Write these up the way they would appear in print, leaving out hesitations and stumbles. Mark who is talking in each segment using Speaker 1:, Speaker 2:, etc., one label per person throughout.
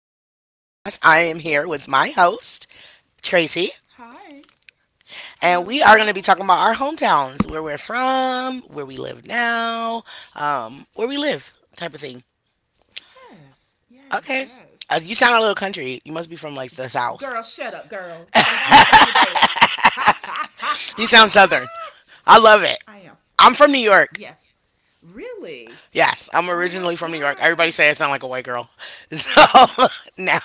Speaker 1: I am here with my host, Tracy,
Speaker 2: Hi.
Speaker 1: and we
Speaker 2: Hello,
Speaker 1: are going to be talking
Speaker 2: hello.
Speaker 1: about our hometowns, where we're from, where we live now, where we live, type of thing.
Speaker 2: Yes, yes,
Speaker 1: Okay.
Speaker 2: yes.
Speaker 1: You sound a little country. You must be from like the South.
Speaker 2: Girl, shut up, girl. Don't you say that. Ha ha ha.
Speaker 1: You sound
Speaker 2: Ha.
Speaker 1: Southern. I love it.
Speaker 2: I am.
Speaker 1: I'm from New York.
Speaker 2: Yes. Really?
Speaker 1: Yes, I'm
Speaker 2: Oh my
Speaker 1: originally from New York. Everybody
Speaker 2: God.
Speaker 1: say I sound like a white girl. So
Speaker 2: No.
Speaker 1: now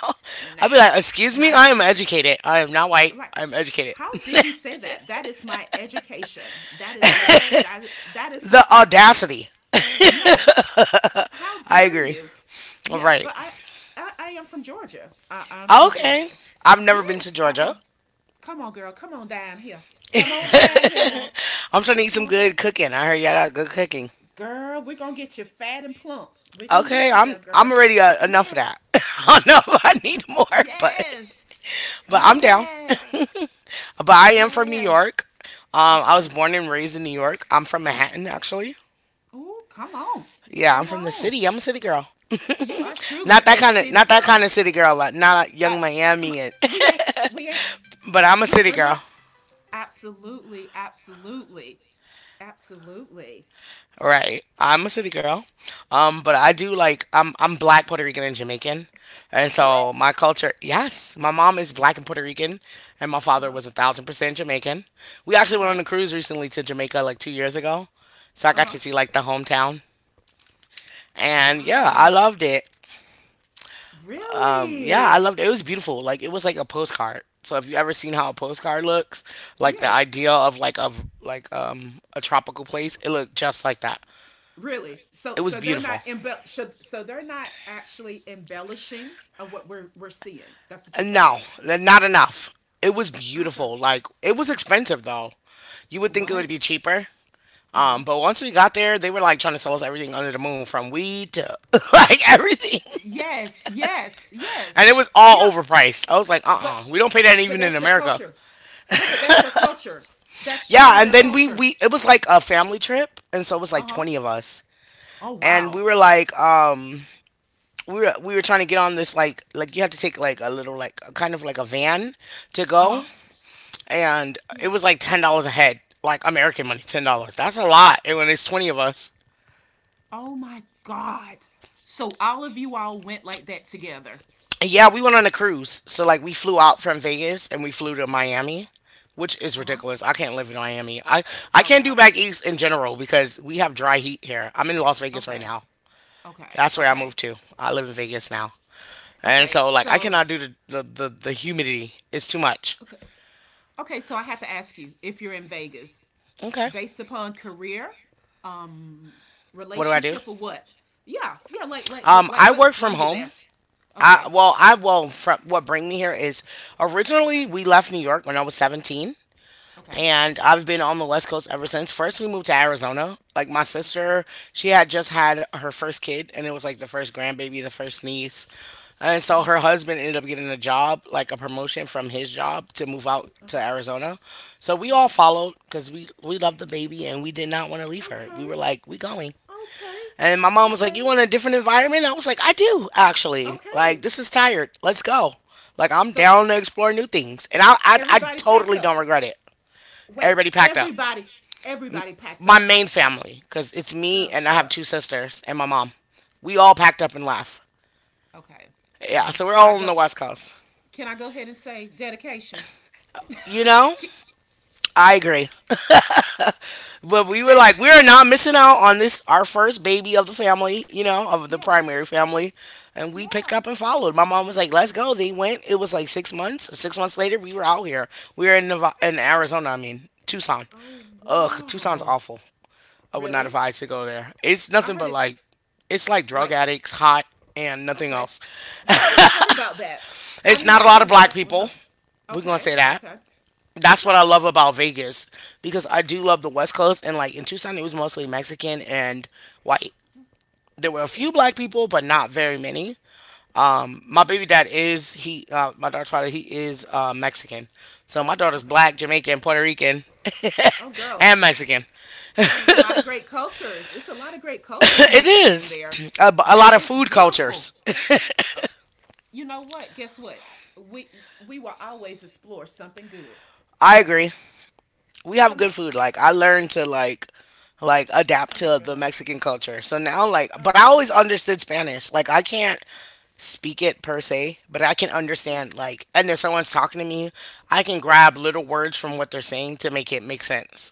Speaker 1: I'll be
Speaker 2: Nah.
Speaker 1: like, excuse me,
Speaker 2: Not
Speaker 1: I
Speaker 2: even
Speaker 1: am educated.
Speaker 2: that.
Speaker 1: I am not white.
Speaker 2: Like,
Speaker 1: I am educated.
Speaker 2: how did you say that? That is my education. That is what's that that is
Speaker 1: The
Speaker 2: what's happening.
Speaker 1: audacity.
Speaker 2: Yes. How
Speaker 1: I
Speaker 2: dare
Speaker 1: agree.
Speaker 2: you?
Speaker 1: All
Speaker 2: Yeah,
Speaker 1: right.
Speaker 2: but I I, I am from Georgia. I'm from
Speaker 1: Okay.
Speaker 2: Georgia.
Speaker 1: I've never been to
Speaker 2: Yes, I
Speaker 1: Georgia.
Speaker 2: am. Come on, girl. Come on down here. Come on down here now.
Speaker 1: I'm trying to eat
Speaker 2: Come
Speaker 1: some
Speaker 2: on
Speaker 1: good
Speaker 2: down here.
Speaker 1: cooking. I heard y'all got good cooking.
Speaker 2: Girl, we're going to get you fat and plump. We're going to
Speaker 1: Okay,
Speaker 2: get you
Speaker 1: I'm
Speaker 2: there,
Speaker 1: I'm
Speaker 2: girl.
Speaker 1: already enough of
Speaker 2: Yes.
Speaker 1: that. I don't know if I need more,
Speaker 2: Yes.
Speaker 1: but I'm down.
Speaker 2: Yes.
Speaker 1: But I am from New
Speaker 2: Yes.
Speaker 1: York. I was
Speaker 2: Okay.
Speaker 1: born and raised in New York. I'm from Manhattan, actually.
Speaker 2: Ooh, come on.
Speaker 1: Yeah, I'm
Speaker 2: Come
Speaker 1: from the
Speaker 2: on.
Speaker 1: city. I'm a city girl.
Speaker 2: You are truly
Speaker 1: Not that
Speaker 2: a
Speaker 1: kind of
Speaker 2: city
Speaker 1: not that
Speaker 2: girl.
Speaker 1: kind of city girl. Like not a
Speaker 2: Uh,
Speaker 1: young
Speaker 2: Come on.
Speaker 1: Miami, and,
Speaker 2: We ain't, we ain't,
Speaker 1: but I'm a
Speaker 2: we,
Speaker 1: city
Speaker 2: we're
Speaker 1: girl.
Speaker 2: not. Absolutely. Absolutely. Absolutely.
Speaker 1: Right. I'm a city girl. But I
Speaker 2: Okay.
Speaker 1: do like I'm black, Puerto Rican and Jamaican. And so
Speaker 2: What?
Speaker 1: my culture, yes, my mom is black and Puerto
Speaker 2: What?
Speaker 1: Rican, and my
Speaker 2: Uh
Speaker 1: father
Speaker 2: huh.
Speaker 1: was a thousand percent Jamaican. We actually went
Speaker 2: Okay.
Speaker 1: on a cruise recently to Jamaica like 2 years ago. So I
Speaker 2: Uh
Speaker 1: got
Speaker 2: huh.
Speaker 1: to see like the hometown. And yeah, I
Speaker 2: Wow.
Speaker 1: loved it. Yeah, I
Speaker 2: Really?
Speaker 1: loved it. It was beautiful. Like it was like a postcard. So if you ever seen how a postcard looks, like the
Speaker 2: Yes,
Speaker 1: idea of a tropical place, it looked just like that.
Speaker 2: really.
Speaker 1: It
Speaker 2: So
Speaker 1: was
Speaker 2: so they're
Speaker 1: beautiful.
Speaker 2: not embel so, so they're not actually embellishing of what we're seeing. That's what you're telling
Speaker 1: No,
Speaker 2: me.
Speaker 1: not enough. It was
Speaker 2: Okay.
Speaker 1: beautiful. Like it was expensive though. You would think it would be
Speaker 2: What?
Speaker 1: cheaper.
Speaker 2: Uh huh.
Speaker 1: But once we got there, they were like trying to sell us everything under the moon, from weed to like everything,
Speaker 2: Yes, yes,
Speaker 1: and
Speaker 2: yes.
Speaker 1: it was all
Speaker 2: Yep.
Speaker 1: overpriced. I was like,
Speaker 2: But
Speaker 1: we don't pay that
Speaker 2: but
Speaker 1: even in
Speaker 2: that's their
Speaker 1: America.
Speaker 2: culture. Yeah, but that's their culture. That's truly
Speaker 1: Yeah, and
Speaker 2: their
Speaker 1: then we
Speaker 2: culture.
Speaker 1: we it was like a family trip, and so it was
Speaker 2: Uh
Speaker 1: like
Speaker 2: huh.
Speaker 1: 20 of us,
Speaker 2: Oh,
Speaker 1: and we
Speaker 2: wow.
Speaker 1: were like, we were trying to get on this like you have to take like a little like a kind of like a van to
Speaker 2: Uh
Speaker 1: go,
Speaker 2: huh.
Speaker 1: and it
Speaker 2: Yes.
Speaker 1: was like $10 a head, like American money, $10. That's a lot. And when there's 20 of us,
Speaker 2: Oh, my God. So all of you all went like that together.
Speaker 1: and yeah, we went on a cruise. So like we flew out from Vegas and we flew to Miami, which is
Speaker 2: Uh huh.
Speaker 1: ridiculous. I can't live in Miami. I
Speaker 2: Oh,
Speaker 1: can't do
Speaker 2: God.
Speaker 1: back east in general because we have dry heat here. I'm in Las Vegas right
Speaker 2: Okay.
Speaker 1: now.
Speaker 2: Okay,
Speaker 1: That's where I
Speaker 2: okay,
Speaker 1: moved to. I live in Vegas now, and
Speaker 2: okay.
Speaker 1: so like I
Speaker 2: So,
Speaker 1: cannot do the humidity. It's too much.
Speaker 2: okay, okay. So I have to ask you if you're in Vegas,
Speaker 1: Okay,
Speaker 2: based upon career, um,
Speaker 1: what do?
Speaker 2: relationship, or what? Yeah, yeah.
Speaker 1: I work
Speaker 2: What
Speaker 1: from
Speaker 2: brung you
Speaker 1: home.
Speaker 2: there? Okay,
Speaker 1: From what bring me here is originally we left New York when I was 17,
Speaker 2: okay,
Speaker 1: and I've been on the West Coast ever since. First, we moved to Arizona. Like my
Speaker 2: okay.
Speaker 1: sister, she had just had her first kid, and it was like the first grandbaby, the first niece. And so
Speaker 2: Mm-hmm.
Speaker 1: her husband ended up getting a job, like a promotion from his job to move out to
Speaker 2: Uh-huh.
Speaker 1: Arizona. So we all
Speaker 2: Okay,
Speaker 1: followed because we loved the baby and we did not want to leave her. We
Speaker 2: okay,
Speaker 1: were like, we going.
Speaker 2: okay,
Speaker 1: And my mom was like, you
Speaker 2: okay,
Speaker 1: want a different environment? I was like, I do, actually. Like,
Speaker 2: okay.
Speaker 1: this is tired. Let's go. Like, I'm
Speaker 2: So
Speaker 1: down
Speaker 2: s-
Speaker 1: to explore new things. And I
Speaker 2: everybody packed
Speaker 1: totally don't
Speaker 2: up.
Speaker 1: regret it.
Speaker 2: Wait,
Speaker 1: Everybody packed up.
Speaker 2: everybody, everybody packed
Speaker 1: My
Speaker 2: up.
Speaker 1: main family, because it's me
Speaker 2: Girl,
Speaker 1: and I
Speaker 2: shut
Speaker 1: have
Speaker 2: up.
Speaker 1: two sisters and my mom. We all packed up and left.
Speaker 2: Okay.
Speaker 1: Yeah, so we're
Speaker 2: Can I
Speaker 1: all on the
Speaker 2: go?
Speaker 1: West Coast.
Speaker 2: Can I go ahead and say dedication?
Speaker 1: You know?
Speaker 2: Can,
Speaker 1: I agree. But we were like,
Speaker 2: That's
Speaker 1: we
Speaker 2: true.
Speaker 1: are not missing out on this, our first baby of the family, you know, of the
Speaker 2: Yeah.
Speaker 1: primary family. And we picked
Speaker 2: Yeah.
Speaker 1: up and followed. My mom was like, let's go. They went. It was like 6 months. 6 months later, we were out here. We were in in
Speaker 2: What?
Speaker 1: Arizona, I mean, Tucson.
Speaker 2: Oh
Speaker 1: Ugh, Tucson's
Speaker 2: wow.
Speaker 1: awful. I would not
Speaker 2: Really?
Speaker 1: advise to go there. It's
Speaker 2: I
Speaker 1: nothing
Speaker 2: heard
Speaker 1: but
Speaker 2: it's
Speaker 1: like, it's like drug
Speaker 2: like
Speaker 1: addicts, hot, and nothing
Speaker 2: okay.
Speaker 1: else.
Speaker 2: That's what I heard about that. I
Speaker 1: It's
Speaker 2: mean
Speaker 1: not a
Speaker 2: like
Speaker 1: lot of
Speaker 2: literally
Speaker 1: black
Speaker 2: that's what
Speaker 1: people. We're going to
Speaker 2: Okay,
Speaker 1: say that.
Speaker 2: okay.
Speaker 1: That's what
Speaker 2: Okay.
Speaker 1: I love about Vegas because I do love the West Coast, and like in Tucson it was mostly Mexican and white. There were a few
Speaker 2: Okay.
Speaker 1: black people, but not very many. My
Speaker 2: Hmm,
Speaker 1: baby dad is he my daughter's father, he is Mexican, so my daughter's
Speaker 2: okay.
Speaker 1: black, Jamaican, Puerto Rican,
Speaker 2: Oh girl,
Speaker 1: and Mexican.
Speaker 2: it's it's a lot of great cultures. It's a lot of great cultures
Speaker 1: It
Speaker 2: mixed in
Speaker 1: is
Speaker 2: there.
Speaker 1: a
Speaker 2: That
Speaker 1: lot of
Speaker 2: is
Speaker 1: food
Speaker 2: beautiful.
Speaker 1: cultures.
Speaker 2: Uh, you know what? Guess what? We we will always explore something good.
Speaker 1: I
Speaker 2: That's
Speaker 1: agree. We
Speaker 2: come
Speaker 1: have
Speaker 2: on,
Speaker 1: good food. Like I learned to like adapt
Speaker 2: come on,
Speaker 1: to the
Speaker 2: girl.
Speaker 1: Mexican culture. So now like but I
Speaker 2: Okay.
Speaker 1: always understood Spanish. Like I can't speak it per se, but I can
Speaker 2: Yes.
Speaker 1: understand like, and if someone's talking to me, I can
Speaker 2: Yes,
Speaker 1: grab
Speaker 2: yes.
Speaker 1: little words from what they're saying to make it make sense.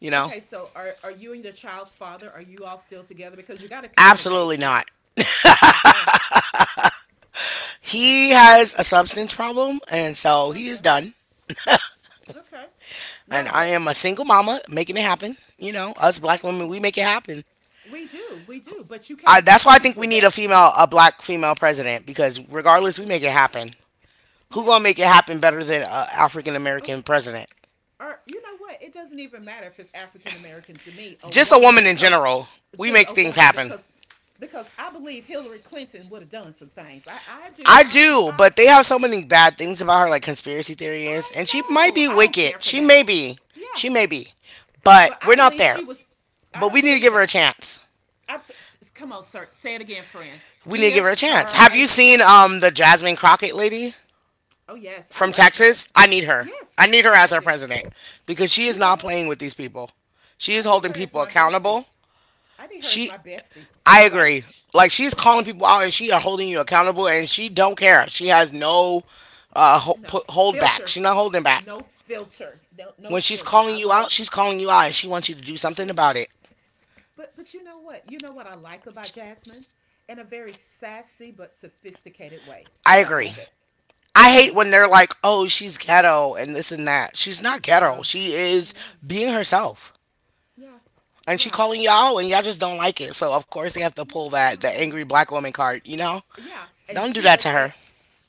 Speaker 1: You know?
Speaker 2: Okay, so are you and your child's father? Are you all still together? Because you got to communicate.
Speaker 1: Absolutely
Speaker 2: Like,
Speaker 1: not.
Speaker 2: okay,
Speaker 1: He has
Speaker 2: okay,
Speaker 1: a substance problem and so he is
Speaker 2: okay,
Speaker 1: done.
Speaker 2: okay.
Speaker 1: And
Speaker 2: No,
Speaker 1: I
Speaker 2: but
Speaker 1: am a single mama making it happen. You know, us
Speaker 2: come
Speaker 1: black women,
Speaker 2: on,
Speaker 1: we make it happen.
Speaker 2: we do, we do. But you
Speaker 1: I,
Speaker 2: came to
Speaker 1: that's why I
Speaker 2: terms
Speaker 1: think we
Speaker 2: with
Speaker 1: need a
Speaker 2: that.
Speaker 1: female, a black female president, because
Speaker 2: I
Speaker 1: regardless, we
Speaker 2: agree.
Speaker 1: make it happen. Who gonna
Speaker 2: Yes.
Speaker 1: make it happen better than an African
Speaker 2: Oh,
Speaker 1: American president?
Speaker 2: or you know what? It doesn't even matter if it's African American to me, a
Speaker 1: Just a woman
Speaker 2: woman,
Speaker 1: in
Speaker 2: cause
Speaker 1: general. We
Speaker 2: just
Speaker 1: make
Speaker 2: a
Speaker 1: things
Speaker 2: woman,
Speaker 1: happen.
Speaker 2: because I believe Hillary Clinton would have done some things. I do.
Speaker 1: I
Speaker 2: I would.
Speaker 1: do, but they have so many bad things about her, like conspiracy theories,
Speaker 2: I
Speaker 1: and she might
Speaker 2: know.
Speaker 1: be
Speaker 2: I don't
Speaker 1: wicked.
Speaker 2: care for
Speaker 1: She
Speaker 2: that.
Speaker 1: may be.
Speaker 2: Yeah,
Speaker 1: She may be. But
Speaker 2: but I
Speaker 1: we're not
Speaker 2: believe
Speaker 1: there.
Speaker 2: she was. I
Speaker 1: But
Speaker 2: don't
Speaker 1: we need to
Speaker 2: believe
Speaker 1: give her a
Speaker 2: that.
Speaker 1: chance.
Speaker 2: I s- come on, sir. Say it again, friend.
Speaker 1: We need to give
Speaker 2: Give
Speaker 1: her a chance.
Speaker 2: her
Speaker 1: Have
Speaker 2: a
Speaker 1: you seen
Speaker 2: chance.
Speaker 1: the Jasmine Crockett lady
Speaker 2: Oh yes, I
Speaker 1: from
Speaker 2: like her.
Speaker 1: Texas? I need her.
Speaker 2: Yes,
Speaker 1: I need her
Speaker 2: I
Speaker 1: as our
Speaker 2: do.
Speaker 1: president because she is
Speaker 2: You know
Speaker 1: not
Speaker 2: what?
Speaker 1: playing with these people. She
Speaker 2: I
Speaker 1: is
Speaker 2: need
Speaker 1: holding
Speaker 2: her as
Speaker 1: people
Speaker 2: my bestie.
Speaker 1: accountable.
Speaker 2: I need her as
Speaker 1: She,
Speaker 2: my bestie.
Speaker 1: I
Speaker 2: Right?
Speaker 1: agree. Like she's calling
Speaker 2: Yeah.
Speaker 1: people out and she are holding you accountable and she don't care. She has no
Speaker 2: No
Speaker 1: hold back.
Speaker 2: filter.
Speaker 1: She's not holding back.
Speaker 2: No filter. No
Speaker 1: When she's
Speaker 2: filter.
Speaker 1: calling
Speaker 2: I
Speaker 1: you out,
Speaker 2: love.
Speaker 1: she's calling you out and she
Speaker 2: Sh-
Speaker 1: wants you to do
Speaker 2: she
Speaker 1: something
Speaker 2: is.
Speaker 1: about it.
Speaker 2: But you know what? You know what I like about Jasmine, in a very sassy but sophisticated way.
Speaker 1: I
Speaker 2: Oh, I
Speaker 1: agree.
Speaker 2: love it.
Speaker 1: I
Speaker 2: I
Speaker 1: hate when
Speaker 2: love it.
Speaker 1: they're like, oh, she's ghetto and this and that. She's not ghetto.
Speaker 2: No,
Speaker 1: She is
Speaker 2: no.
Speaker 1: being herself.
Speaker 2: Yeah.
Speaker 1: And she
Speaker 2: Yeah.
Speaker 1: calling y'all, and y'all just don't like it. So of course they have to pull that the
Speaker 2: Yeah.
Speaker 1: angry black woman card, you know?
Speaker 2: Yeah. And
Speaker 1: Don't do
Speaker 2: she
Speaker 1: that to
Speaker 2: does
Speaker 1: her.
Speaker 2: it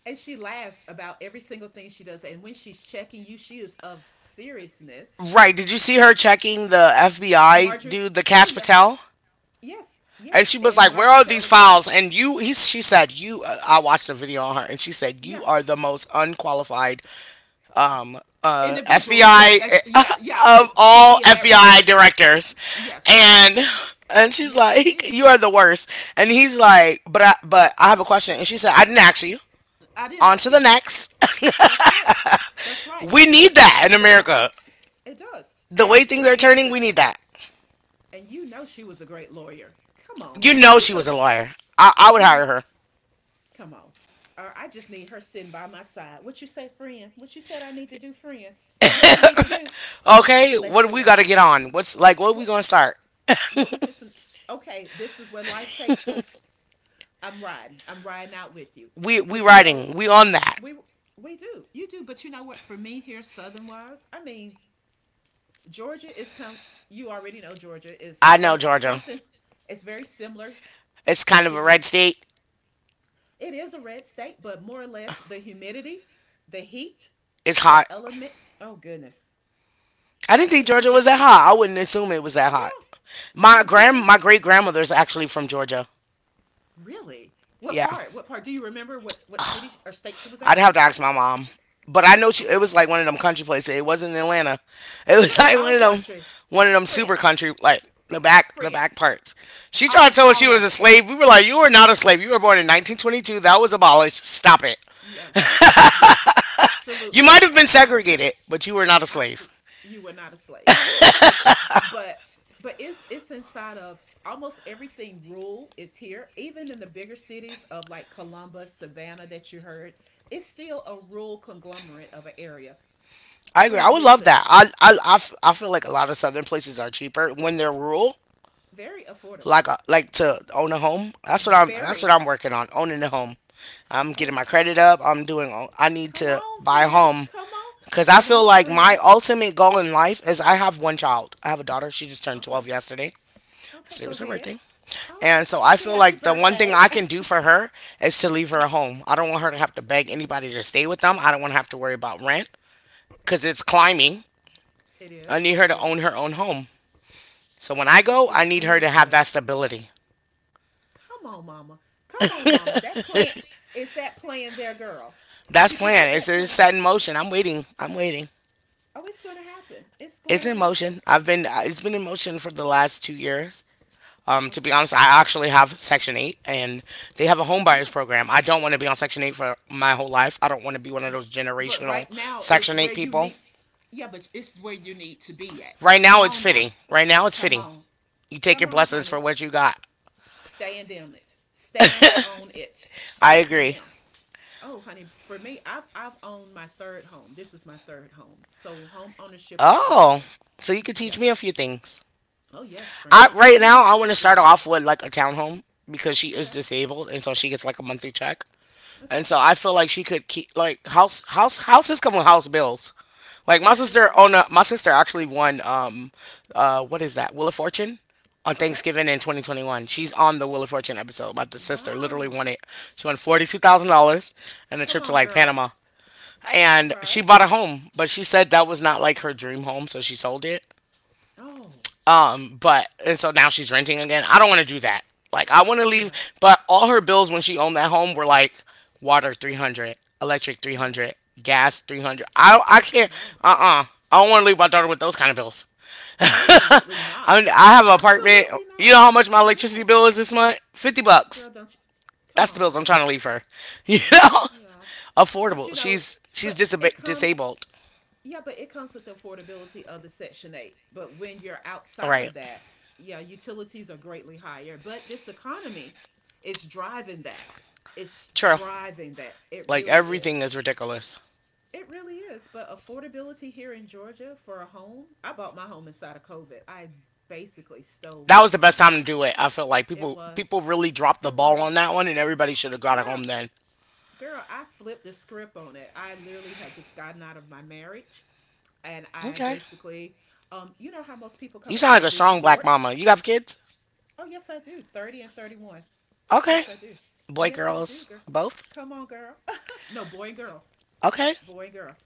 Speaker 2: and she laughs about every single thing she does. And when she's checking you, she is of seriousness.
Speaker 1: Right. Did you see her checking the FBI
Speaker 2: Marjorie,
Speaker 1: dude, the
Speaker 2: oh
Speaker 1: Cash
Speaker 2: yeah,
Speaker 1: Patel?
Speaker 2: yes,
Speaker 1: And
Speaker 2: yes.
Speaker 1: she was
Speaker 2: And
Speaker 1: like, "Where
Speaker 2: Marjorie
Speaker 1: are these
Speaker 2: Taylor Greene,
Speaker 1: files?" And she said, "You." I watched a video on her, and she said, "You
Speaker 2: yeah.
Speaker 1: are the most unqualified
Speaker 2: Individual, yeah,
Speaker 1: FBI
Speaker 2: best, yeah, yeah,
Speaker 1: of
Speaker 2: to
Speaker 1: all
Speaker 2: be in that
Speaker 1: FBI
Speaker 2: role.
Speaker 1: directors,"
Speaker 2: Yes, yes,
Speaker 1: and she's
Speaker 2: yes, she
Speaker 1: like,
Speaker 2: did.
Speaker 1: "You are the worst," and he's
Speaker 2: Yeah,
Speaker 1: like, "But but I have a question," and she said, "I didn't ask you."
Speaker 2: I did
Speaker 1: On
Speaker 2: ask
Speaker 1: to the
Speaker 2: you.
Speaker 1: next.
Speaker 2: That's right. That's right.
Speaker 1: We need
Speaker 2: It's
Speaker 1: that in
Speaker 2: asked and effort.
Speaker 1: America.
Speaker 2: It does.
Speaker 1: The way
Speaker 2: Asked
Speaker 1: things
Speaker 2: and
Speaker 1: are turning, we
Speaker 2: answered.
Speaker 1: need that.
Speaker 2: And you know she was a great lawyer. Come on.
Speaker 1: You know,
Speaker 2: You
Speaker 1: she
Speaker 2: know
Speaker 1: was a
Speaker 2: she,
Speaker 1: lawyer. I would
Speaker 2: You
Speaker 1: hire
Speaker 2: kn-
Speaker 1: her.
Speaker 2: come on. Or I just need her sitting by my side. What you say, friend? What you said I need to do, friend? What we need to do?
Speaker 1: Okay,
Speaker 2: Let's
Speaker 1: what do
Speaker 2: do
Speaker 1: we
Speaker 2: it.
Speaker 1: got to get on? What's like? What are we
Speaker 2: What
Speaker 1: gonna start?
Speaker 2: what we fixing? Okay, this is where life takes us. I'm riding. I'm riding out with you.
Speaker 1: We
Speaker 2: But you know,
Speaker 1: writing. We on that.
Speaker 2: we we do. You do. But you know what? For me here, Southern wise, I mean, Georgia is come. You already know Georgia is
Speaker 1: I know
Speaker 2: cer-
Speaker 1: Georgia.
Speaker 2: something. It's very similar
Speaker 1: It's kind of
Speaker 2: to
Speaker 1: a red
Speaker 2: Utah.
Speaker 1: state.
Speaker 2: It is a red state, but more or less the humidity, the heat,
Speaker 1: It's hot.
Speaker 2: the elements. Oh goodness.
Speaker 1: I
Speaker 2: I
Speaker 1: didn't think
Speaker 2: think we
Speaker 1: Georgia was
Speaker 2: just
Speaker 1: that hot. I wouldn't assume it was that hot.
Speaker 2: yeah, yeah, we just
Speaker 1: My great grandmother's actually from Georgia.
Speaker 2: really. What
Speaker 1: Yeah,
Speaker 2: part? What part? Do you remember what city or state she was
Speaker 1: I'd
Speaker 2: at?
Speaker 1: have to ask my mom, but I know she. It
Speaker 2: Okay.
Speaker 1: was like one of them country places. It wasn't in Atlanta. It was
Speaker 2: Good, it's
Speaker 1: like
Speaker 2: all country.
Speaker 1: one of them super
Speaker 2: Friend.
Speaker 1: country, like the
Speaker 2: Friend.
Speaker 1: back parts. She tried to tell us
Speaker 2: All
Speaker 1: she was
Speaker 2: of
Speaker 1: a
Speaker 2: it.
Speaker 1: slave. We were like, you are not a slave. You were born in 1922. That was abolished. Stop it.
Speaker 2: Yeah. Yeah.
Speaker 1: You
Speaker 2: Absolutely.
Speaker 1: might have been
Speaker 2: Absolutely.
Speaker 1: segregated, but you were not a slave.
Speaker 2: Absolutely, you were not a slave but but but it's inside of almost everything rural is here even in the bigger cities of like Columbus, Savannah that you heard it's still a rural conglomerate of an area
Speaker 1: I agree. I
Speaker 2: friend
Speaker 1: would love
Speaker 2: listen
Speaker 1: that. I feel like a lot of southern places are cheaper when they're rural,
Speaker 2: very affordable
Speaker 1: like a, like to own a home. That's what
Speaker 2: very
Speaker 1: I'm working on, owning a home. I'm getting
Speaker 2: oh
Speaker 1: my credit up. I need
Speaker 2: come
Speaker 1: to
Speaker 2: on
Speaker 1: buy a
Speaker 2: friend
Speaker 1: home
Speaker 2: come on
Speaker 1: cuz I
Speaker 2: come
Speaker 1: feel
Speaker 2: on
Speaker 1: like my
Speaker 2: friend
Speaker 1: ultimate goal in life is I have one child. I have a daughter. She just turned
Speaker 2: okay
Speaker 1: 12 yesterday.
Speaker 2: okay
Speaker 1: Yesterday
Speaker 2: go
Speaker 1: was her
Speaker 2: ahead
Speaker 1: birthday.
Speaker 2: all right
Speaker 1: And so I
Speaker 2: happy
Speaker 1: feel
Speaker 2: happy
Speaker 1: like the one thing
Speaker 2: birthday
Speaker 1: I can do for her is to leave her
Speaker 2: Yeah,
Speaker 1: a home. I don't want her to have to beg
Speaker 2: yeah,
Speaker 1: anybody to stay with them. I don't want to have to worry about rent cuz it's
Speaker 2: I got you,
Speaker 1: climbing.
Speaker 2: it
Speaker 1: I
Speaker 2: is
Speaker 1: need her
Speaker 2: it
Speaker 1: to own
Speaker 2: is.
Speaker 1: her own home. So when I
Speaker 2: That
Speaker 1: go, I
Speaker 2: is
Speaker 1: need her to have
Speaker 2: beautiful.
Speaker 1: that stability.
Speaker 2: Come on, mama. Come on, mama. That plant is that plan there, girl.
Speaker 1: That's
Speaker 2: Did you put
Speaker 1: planned. It's,
Speaker 2: that
Speaker 1: it's
Speaker 2: plan?
Speaker 1: set in motion. I'm waiting. I'm waiting.
Speaker 2: Oh, it's going to happen. It's going
Speaker 1: It's
Speaker 2: to
Speaker 1: in
Speaker 2: happen.
Speaker 1: motion. I've been. It's been in motion for the last 2 years. To be
Speaker 2: Okay.
Speaker 1: honest, I actually have Section Eight, and they have a home buyers
Speaker 2: Yeah.
Speaker 1: program. I don't want to be on Section Eight for my whole life. I don't want to be one of those
Speaker 2: But
Speaker 1: generational
Speaker 2: right now, it's
Speaker 1: Section
Speaker 2: where
Speaker 1: Eight
Speaker 2: you
Speaker 1: people.
Speaker 2: need. Yeah, but it's where you need to be at.
Speaker 1: Right
Speaker 2: Come
Speaker 1: now, it's
Speaker 2: on now.
Speaker 1: fitting. Right now, it's
Speaker 2: Come
Speaker 1: fitting.
Speaker 2: on.
Speaker 1: You take
Speaker 2: Come
Speaker 1: your
Speaker 2: on,
Speaker 1: blessings for
Speaker 2: honey.
Speaker 1: what you got.
Speaker 2: Stand on it. Stand on it.
Speaker 1: I
Speaker 2: Yes,
Speaker 1: agree.
Speaker 2: ma'am. Oh, honey, for me, I've owned my third home. This is my third home. So home ownership is
Speaker 1: Oh,
Speaker 2: beautiful.
Speaker 1: so you could teach me a
Speaker 2: Yes.
Speaker 1: few things.
Speaker 2: Oh yes,
Speaker 1: I
Speaker 2: friend.
Speaker 1: right
Speaker 2: Home
Speaker 1: now I
Speaker 2: ownership
Speaker 1: want to
Speaker 2: is
Speaker 1: start
Speaker 2: beautiful.
Speaker 1: off with like a townhome because she is
Speaker 2: Okay.
Speaker 1: disabled and so she gets like a monthly check.
Speaker 2: Okay.
Speaker 1: And so I feel like she could keep like house houses come with house bills. Like
Speaker 2: Yeah, they do.
Speaker 1: my sister actually won what is that Wheel of Fortune on
Speaker 2: Okay.
Speaker 1: Thanksgiving in 2021. She's on the Wheel of Fortune episode. My sister literally
Speaker 2: Wow.
Speaker 1: won it. She won $42,000 and a
Speaker 2: Come
Speaker 1: trip to
Speaker 2: on,
Speaker 1: like
Speaker 2: girl.
Speaker 1: Panama.
Speaker 2: All
Speaker 1: And she
Speaker 2: right.
Speaker 1: bought a home, but she said that was not like her dream home, so she sold it.
Speaker 2: Oh,
Speaker 1: But and so now she's renting again. I don't want to do that. Like I want to leave,
Speaker 2: yeah.
Speaker 1: but all her bills when she owned that home were like water 300, electric
Speaker 2: Yeah.
Speaker 1: 300, gas 300. I can't.
Speaker 2: Wow.
Speaker 1: Uh-uh. I don't want to leave my daughter with those kind of bills.
Speaker 2: Absolutely
Speaker 1: I
Speaker 2: not.
Speaker 1: mean, I have an apartment.
Speaker 2: Absolutely
Speaker 1: You know
Speaker 2: not.
Speaker 1: how much my electricity
Speaker 2: Yes.
Speaker 1: bill is this month? 50
Speaker 2: Girl,
Speaker 1: bucks.
Speaker 2: don't you? Come
Speaker 1: That's
Speaker 2: on,
Speaker 1: the bills I'm
Speaker 2: friend.
Speaker 1: trying to leave her. You know?
Speaker 2: Yeah. But
Speaker 1: Affordable.
Speaker 2: you know,
Speaker 1: She's she's
Speaker 2: but it
Speaker 1: disab-
Speaker 2: comes,
Speaker 1: disabled.
Speaker 2: yeah, but it comes with the affordability of the Section 8. But when you're
Speaker 1: All
Speaker 2: outside
Speaker 1: right.
Speaker 2: of that, yeah, utilities are greatly higher. But this economy is driving that. It's
Speaker 1: True.
Speaker 2: driving that. It
Speaker 1: Like
Speaker 2: really
Speaker 1: everything
Speaker 2: is.
Speaker 1: is ridiculous.
Speaker 2: It really is. But affordability here in Georgia for a home, I bought my home inside of COVID. I basically stole
Speaker 1: That was
Speaker 2: this
Speaker 1: the best
Speaker 2: home.
Speaker 1: time to do it. I feel like
Speaker 2: It
Speaker 1: people
Speaker 2: was,
Speaker 1: people really dropped the
Speaker 2: it
Speaker 1: ball
Speaker 2: was,
Speaker 1: on that one, and everybody should have got it
Speaker 2: yeah.
Speaker 1: home then.
Speaker 2: Girl, I flipped the script on it. I literally had just gotten out of my marriage and I
Speaker 1: Okay,
Speaker 2: basically, you know how most people come
Speaker 1: you
Speaker 2: up
Speaker 1: sound
Speaker 2: with a
Speaker 1: like a
Speaker 2: vision
Speaker 1: strong black
Speaker 2: board?
Speaker 1: mama. You have kids?
Speaker 2: Oh, yes, I do. 30 and 31.
Speaker 1: Okay,
Speaker 2: Yes, I do.
Speaker 1: boy,
Speaker 2: Yes, I do,
Speaker 1: girls,
Speaker 2: girl.
Speaker 1: both.
Speaker 2: Come on, girl. no, boy and girl.
Speaker 1: Okay,
Speaker 2: Boy and girl.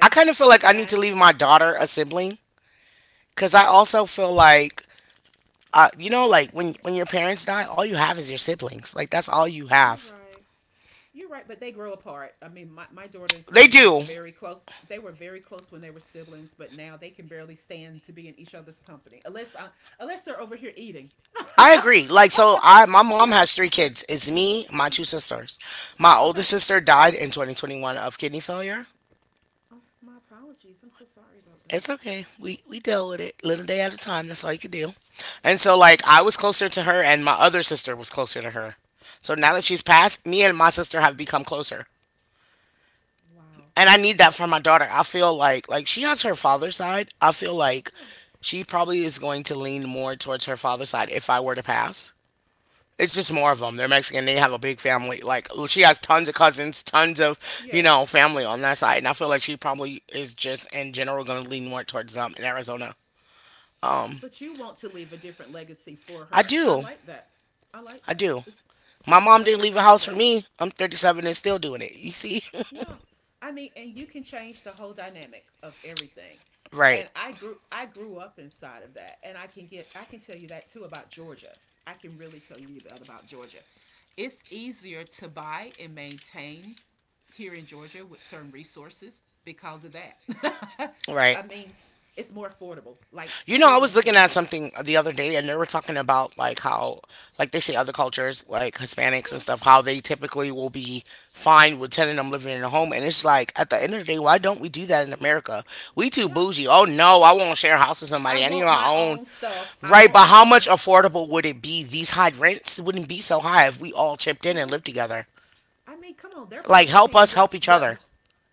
Speaker 1: I kind of feel like I need to
Speaker 2: And
Speaker 1: leave my daughter a sibling because I
Speaker 2: okay,
Speaker 1: also feel like you know, like when your parents die, all you have is your siblings. Like that's all you
Speaker 2: you're
Speaker 1: have.
Speaker 2: right. You're right, but they grow apart. I mean, my daughter and
Speaker 1: They
Speaker 2: son, they were
Speaker 1: do.
Speaker 2: very close. They were very close when they were siblings, but now they can barely stand to be in each other's company unless they're over here eating.
Speaker 1: I agree. I my mom
Speaker 2: yeah.
Speaker 1: has three kids. It's me, my two
Speaker 2: Okay.
Speaker 1: sisters. My
Speaker 2: Okay.
Speaker 1: oldest sister died in 2021 of kidney failure.
Speaker 2: Okay. Oh, my apologies. I'm so sorry about that.
Speaker 1: It's okay. We deal with it little day at a time. That's all you could do. And so
Speaker 2: Okay.
Speaker 1: like I was closer to her, and my other sister was closer to her. So now that she's
Speaker 2: Yes.
Speaker 1: passed, me and my sister have become closer.
Speaker 2: Wow.
Speaker 1: And I need that
Speaker 2: And
Speaker 1: for my daughter. I feel like she has her father's side. I feel like
Speaker 2: yeah.
Speaker 1: she probably is going to lean more towards her father's side if I were to pass. It's just more of
Speaker 2: Yes.
Speaker 1: them. They're Mexican. They have a big family. Like she has tons of cousins, tons of you
Speaker 2: Yes.
Speaker 1: know family on that side. And I feel like she probably is just in general going to lean more towards them in Arizona.
Speaker 2: But you want to leave a different legacy for
Speaker 1: I
Speaker 2: her. I
Speaker 1: do.
Speaker 2: like that. I like
Speaker 1: I
Speaker 2: that.
Speaker 1: do.
Speaker 2: It's
Speaker 1: My
Speaker 2: it's
Speaker 1: mom didn't
Speaker 2: nothing
Speaker 1: leave the
Speaker 2: wrong with
Speaker 1: house for
Speaker 2: that.
Speaker 1: me. I'm 37 and still doing it. You see?
Speaker 2: Yeah. I mean, and you can change the whole dynamic of everything.
Speaker 1: Right.
Speaker 2: And I grew up inside of that. And I can tell you that too about Georgia. I can really tell you that about Georgia. It's easier to buy and maintain here in Georgia with certain resources because of that.
Speaker 1: Right.
Speaker 2: I mean, it's more affordable, like
Speaker 1: You know, I
Speaker 2: truly
Speaker 1: was looking at
Speaker 2: affordable.
Speaker 1: something the other day and they were talking about like how like they say other cultures, like Hispanics and
Speaker 2: Yeah,
Speaker 1: stuff, how they typically will be fine with telling them living in a home and it's like at the end of the day,
Speaker 2: yeah,
Speaker 1: why don't we do that in America? We too
Speaker 2: yeah.
Speaker 1: bougie. Oh no, I won't share a house with
Speaker 2: I
Speaker 1: somebody. I need
Speaker 2: want
Speaker 1: my
Speaker 2: my
Speaker 1: own.
Speaker 2: own stuff. I
Speaker 1: Right,
Speaker 2: want
Speaker 1: but
Speaker 2: my
Speaker 1: how much
Speaker 2: own.
Speaker 1: affordable would it be? These high rents wouldn't be so high if we all chipped
Speaker 2: It
Speaker 1: in and
Speaker 2: would.
Speaker 1: lived together.
Speaker 2: I mean, come on, they're
Speaker 1: Like
Speaker 2: probably
Speaker 1: help
Speaker 2: paying
Speaker 1: us help each other.
Speaker 2: what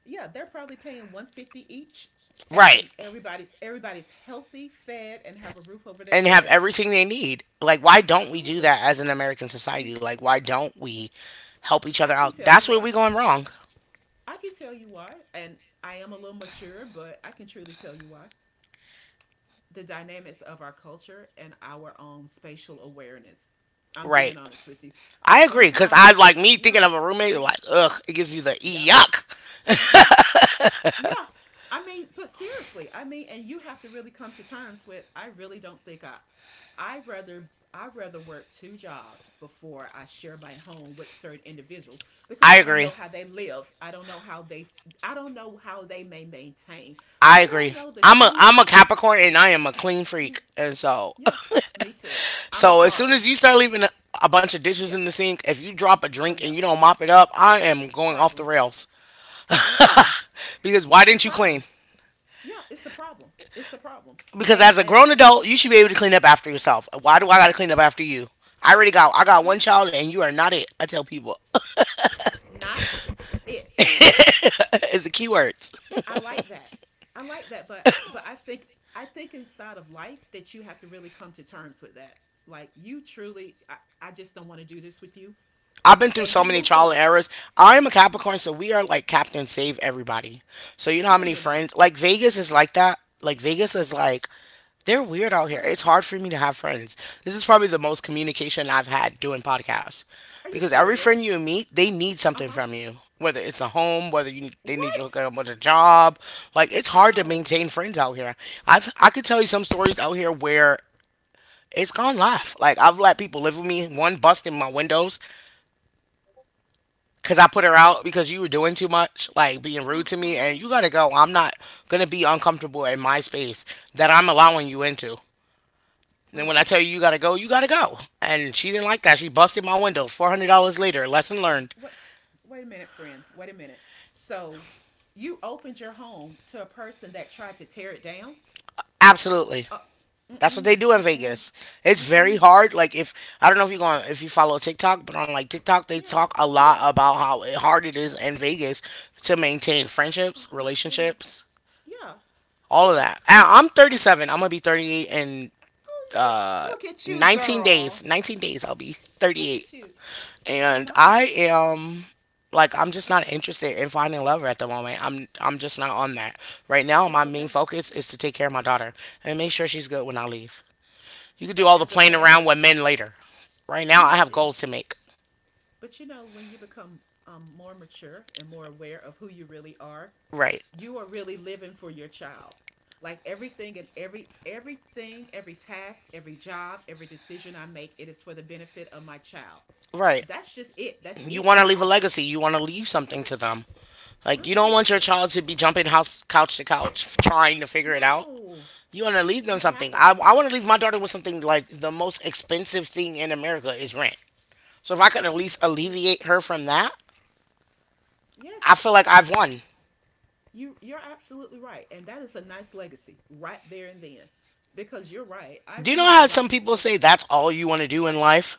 Speaker 2: yeah, they're probably paying 150 each
Speaker 1: Right.
Speaker 2: and everybody's everybody's healthy, fed and have a roof over their
Speaker 1: And have
Speaker 2: head.
Speaker 1: everything they need. Like, why don't we do
Speaker 2: Absolutely.
Speaker 1: that as an American
Speaker 2: Yeah.
Speaker 1: society? Like, why don't we help each
Speaker 2: I
Speaker 1: other
Speaker 2: can
Speaker 1: out?
Speaker 2: tell you
Speaker 1: That's where
Speaker 2: why.
Speaker 1: we going wrong.
Speaker 2: I can tell you why and I am a little mature, but I can truly tell you why. The dynamics of our culture and our own spatial awareness. I'm being
Speaker 1: Right.
Speaker 2: honest with you.
Speaker 1: I agree. Because I,
Speaker 2: Sometimes,
Speaker 1: like, me
Speaker 2: yeah.
Speaker 1: thinking of a roommate,
Speaker 2: Yeah.
Speaker 1: like, ugh, it gives you the
Speaker 2: Yeah.
Speaker 1: yuck.
Speaker 2: Yeah. Yeah. I mean, but seriously, I mean, and you have to really come to terms with I really don't think I I'd rather work two jobs before I share my home with certain individuals because
Speaker 1: I
Speaker 2: I don't know
Speaker 1: agree.
Speaker 2: how they live. I don't know how they I don't know how they may maintain. I
Speaker 1: I
Speaker 2: don't
Speaker 1: agree.
Speaker 2: know the
Speaker 1: I'm a
Speaker 2: true
Speaker 1: I'm
Speaker 2: I
Speaker 1: a
Speaker 2: don't
Speaker 1: Capricorn and I am a clean
Speaker 2: yeah,
Speaker 1: freak. And so
Speaker 2: yeah me too. I'm a
Speaker 1: so as soon as you
Speaker 2: Taurus.
Speaker 1: start a bunch of dishes
Speaker 2: Yeah.
Speaker 1: in the sink, if you drop a
Speaker 2: Oh
Speaker 1: drink and
Speaker 2: yeah.
Speaker 1: you don't mop it up, I am going off the
Speaker 2: Problems.
Speaker 1: rails.
Speaker 2: Problem.
Speaker 1: Because why
Speaker 2: It's
Speaker 1: didn't you clean?
Speaker 2: problems. Yeah, it's a problem. It's a problem.
Speaker 1: Because
Speaker 2: And
Speaker 1: as a
Speaker 2: and
Speaker 1: grown
Speaker 2: and
Speaker 1: adult, you should be able to clean up after yourself. Why do I got to clean up after you? I got
Speaker 2: you
Speaker 1: one
Speaker 2: know,
Speaker 1: child and you are not it. I tell people
Speaker 2: not it.
Speaker 1: it's the key words.
Speaker 2: I like that. I like that, but I think inside of life that you have to really come to terms with that. Like you truly, I just don't want to do this with you,
Speaker 1: I've been through
Speaker 2: and
Speaker 1: so
Speaker 2: you
Speaker 1: many
Speaker 2: move
Speaker 1: trial and
Speaker 2: forward.
Speaker 1: errors. I am a
Speaker 2: Mhm.
Speaker 1: Capricorn, so we are like Captain Save Everybody. So you know how
Speaker 2: No,
Speaker 1: many
Speaker 2: you're not.
Speaker 1: friends like Vegas is like that. Like Vegas is like they're weird out here.
Speaker 2: What?
Speaker 1: It's hard for me to have friends. This is probably the most communication I've had doing podcasts
Speaker 2: Are you
Speaker 1: because every friend
Speaker 2: serious?
Speaker 1: you meet, they need
Speaker 2: Uh
Speaker 1: something
Speaker 2: huh.
Speaker 1: from you. Whether it's a home, they need you to hook
Speaker 2: What?
Speaker 1: up with a job, like it's hard to
Speaker 2: No.
Speaker 1: maintain friends out here. I could tell you some stories out here where it's gone live. Like I've let people live with me, one busting my windows, cause I put her
Speaker 2: Okay.
Speaker 1: out because you were doing too much, like being
Speaker 2: Uh
Speaker 1: rude to me, and
Speaker 2: huh.
Speaker 1: you gotta go. I'm not gonna be uncomfortable in my space that I'm allowing you into. And then
Speaker 2: Wait a
Speaker 1: when I tell
Speaker 2: minute.
Speaker 1: you you gotta go, you gotta go. And she didn't like that. She busted my windows. $400 later, lesson learned.
Speaker 2: What? Wait a minute, friend. Wait a minute. So, you opened your home to a person that tried to tear it down?
Speaker 1: Absolutely,
Speaker 2: Uh, mm
Speaker 1: that's what
Speaker 2: mm
Speaker 1: they do in
Speaker 2: mm mm
Speaker 1: Vegas. It's
Speaker 2: mm
Speaker 1: very
Speaker 2: mm.
Speaker 1: hard. Like if I don't know if you go on, if you follow TikTok, but on like TikTok they
Speaker 2: Yeah,
Speaker 1: talk a lot
Speaker 2: yeah.
Speaker 1: about how hard it is in Vegas to maintain
Speaker 2: Oh
Speaker 1: friendships,
Speaker 2: my goodness.
Speaker 1: relationships
Speaker 2: Yeah,
Speaker 1: all of
Speaker 2: yeah.
Speaker 1: that.
Speaker 2: I'm,
Speaker 1: I'm
Speaker 2: I'm.
Speaker 1: 37. I'm gonna be 38 in
Speaker 2: Oh, you. Look at you,
Speaker 1: 19
Speaker 2: girl.
Speaker 1: days. 19 days, I'll be
Speaker 2: Look
Speaker 1: 38.
Speaker 2: at you. Come
Speaker 1: And
Speaker 2: on.
Speaker 1: I am like I'm just not
Speaker 2: Okay,
Speaker 1: interested in finding a lover at the moment. I'm just not on that. Right now, my
Speaker 2: it's
Speaker 1: main
Speaker 2: okay.
Speaker 1: focus is to take care of my daughter and make sure she's good when I leave. You can do
Speaker 2: But
Speaker 1: all the
Speaker 2: as a
Speaker 1: playing
Speaker 2: parent,
Speaker 1: around with men later. Right
Speaker 2: you're
Speaker 1: now, I have
Speaker 2: right.
Speaker 1: goals to make.
Speaker 2: But you know, when you become more mature and more aware of who you really are,
Speaker 1: Right.
Speaker 2: you are really living for your child. Like everything and everything, every task, every job, every decision I make, it is for the benefit of my child.
Speaker 1: Right.
Speaker 2: That's just it. That's
Speaker 1: You
Speaker 2: it.
Speaker 1: want to
Speaker 2: That's
Speaker 1: leave a
Speaker 2: all.
Speaker 1: legacy. You want to leave something
Speaker 2: Yeah.
Speaker 1: to them. Like you don't want your
Speaker 2: Absolutely.
Speaker 1: child to be jumping house couch to couch trying to figure it out.
Speaker 2: No.
Speaker 1: You want to leave
Speaker 2: And
Speaker 1: them
Speaker 2: it
Speaker 1: something. I,
Speaker 2: happens.
Speaker 1: I want to leave my daughter with something like the most expensive thing in America is rent. So if I could at
Speaker 2: Oh,
Speaker 1: least
Speaker 2: it is.
Speaker 1: alleviate her from that, I
Speaker 2: Yes.
Speaker 1: feel like I've won.
Speaker 2: You're absolutely right. And that is a nice legacy right there and then. Because you're right. I
Speaker 1: Do you know
Speaker 2: remember
Speaker 1: how some
Speaker 2: right
Speaker 1: people
Speaker 2: before.
Speaker 1: say that's all you want to do in life?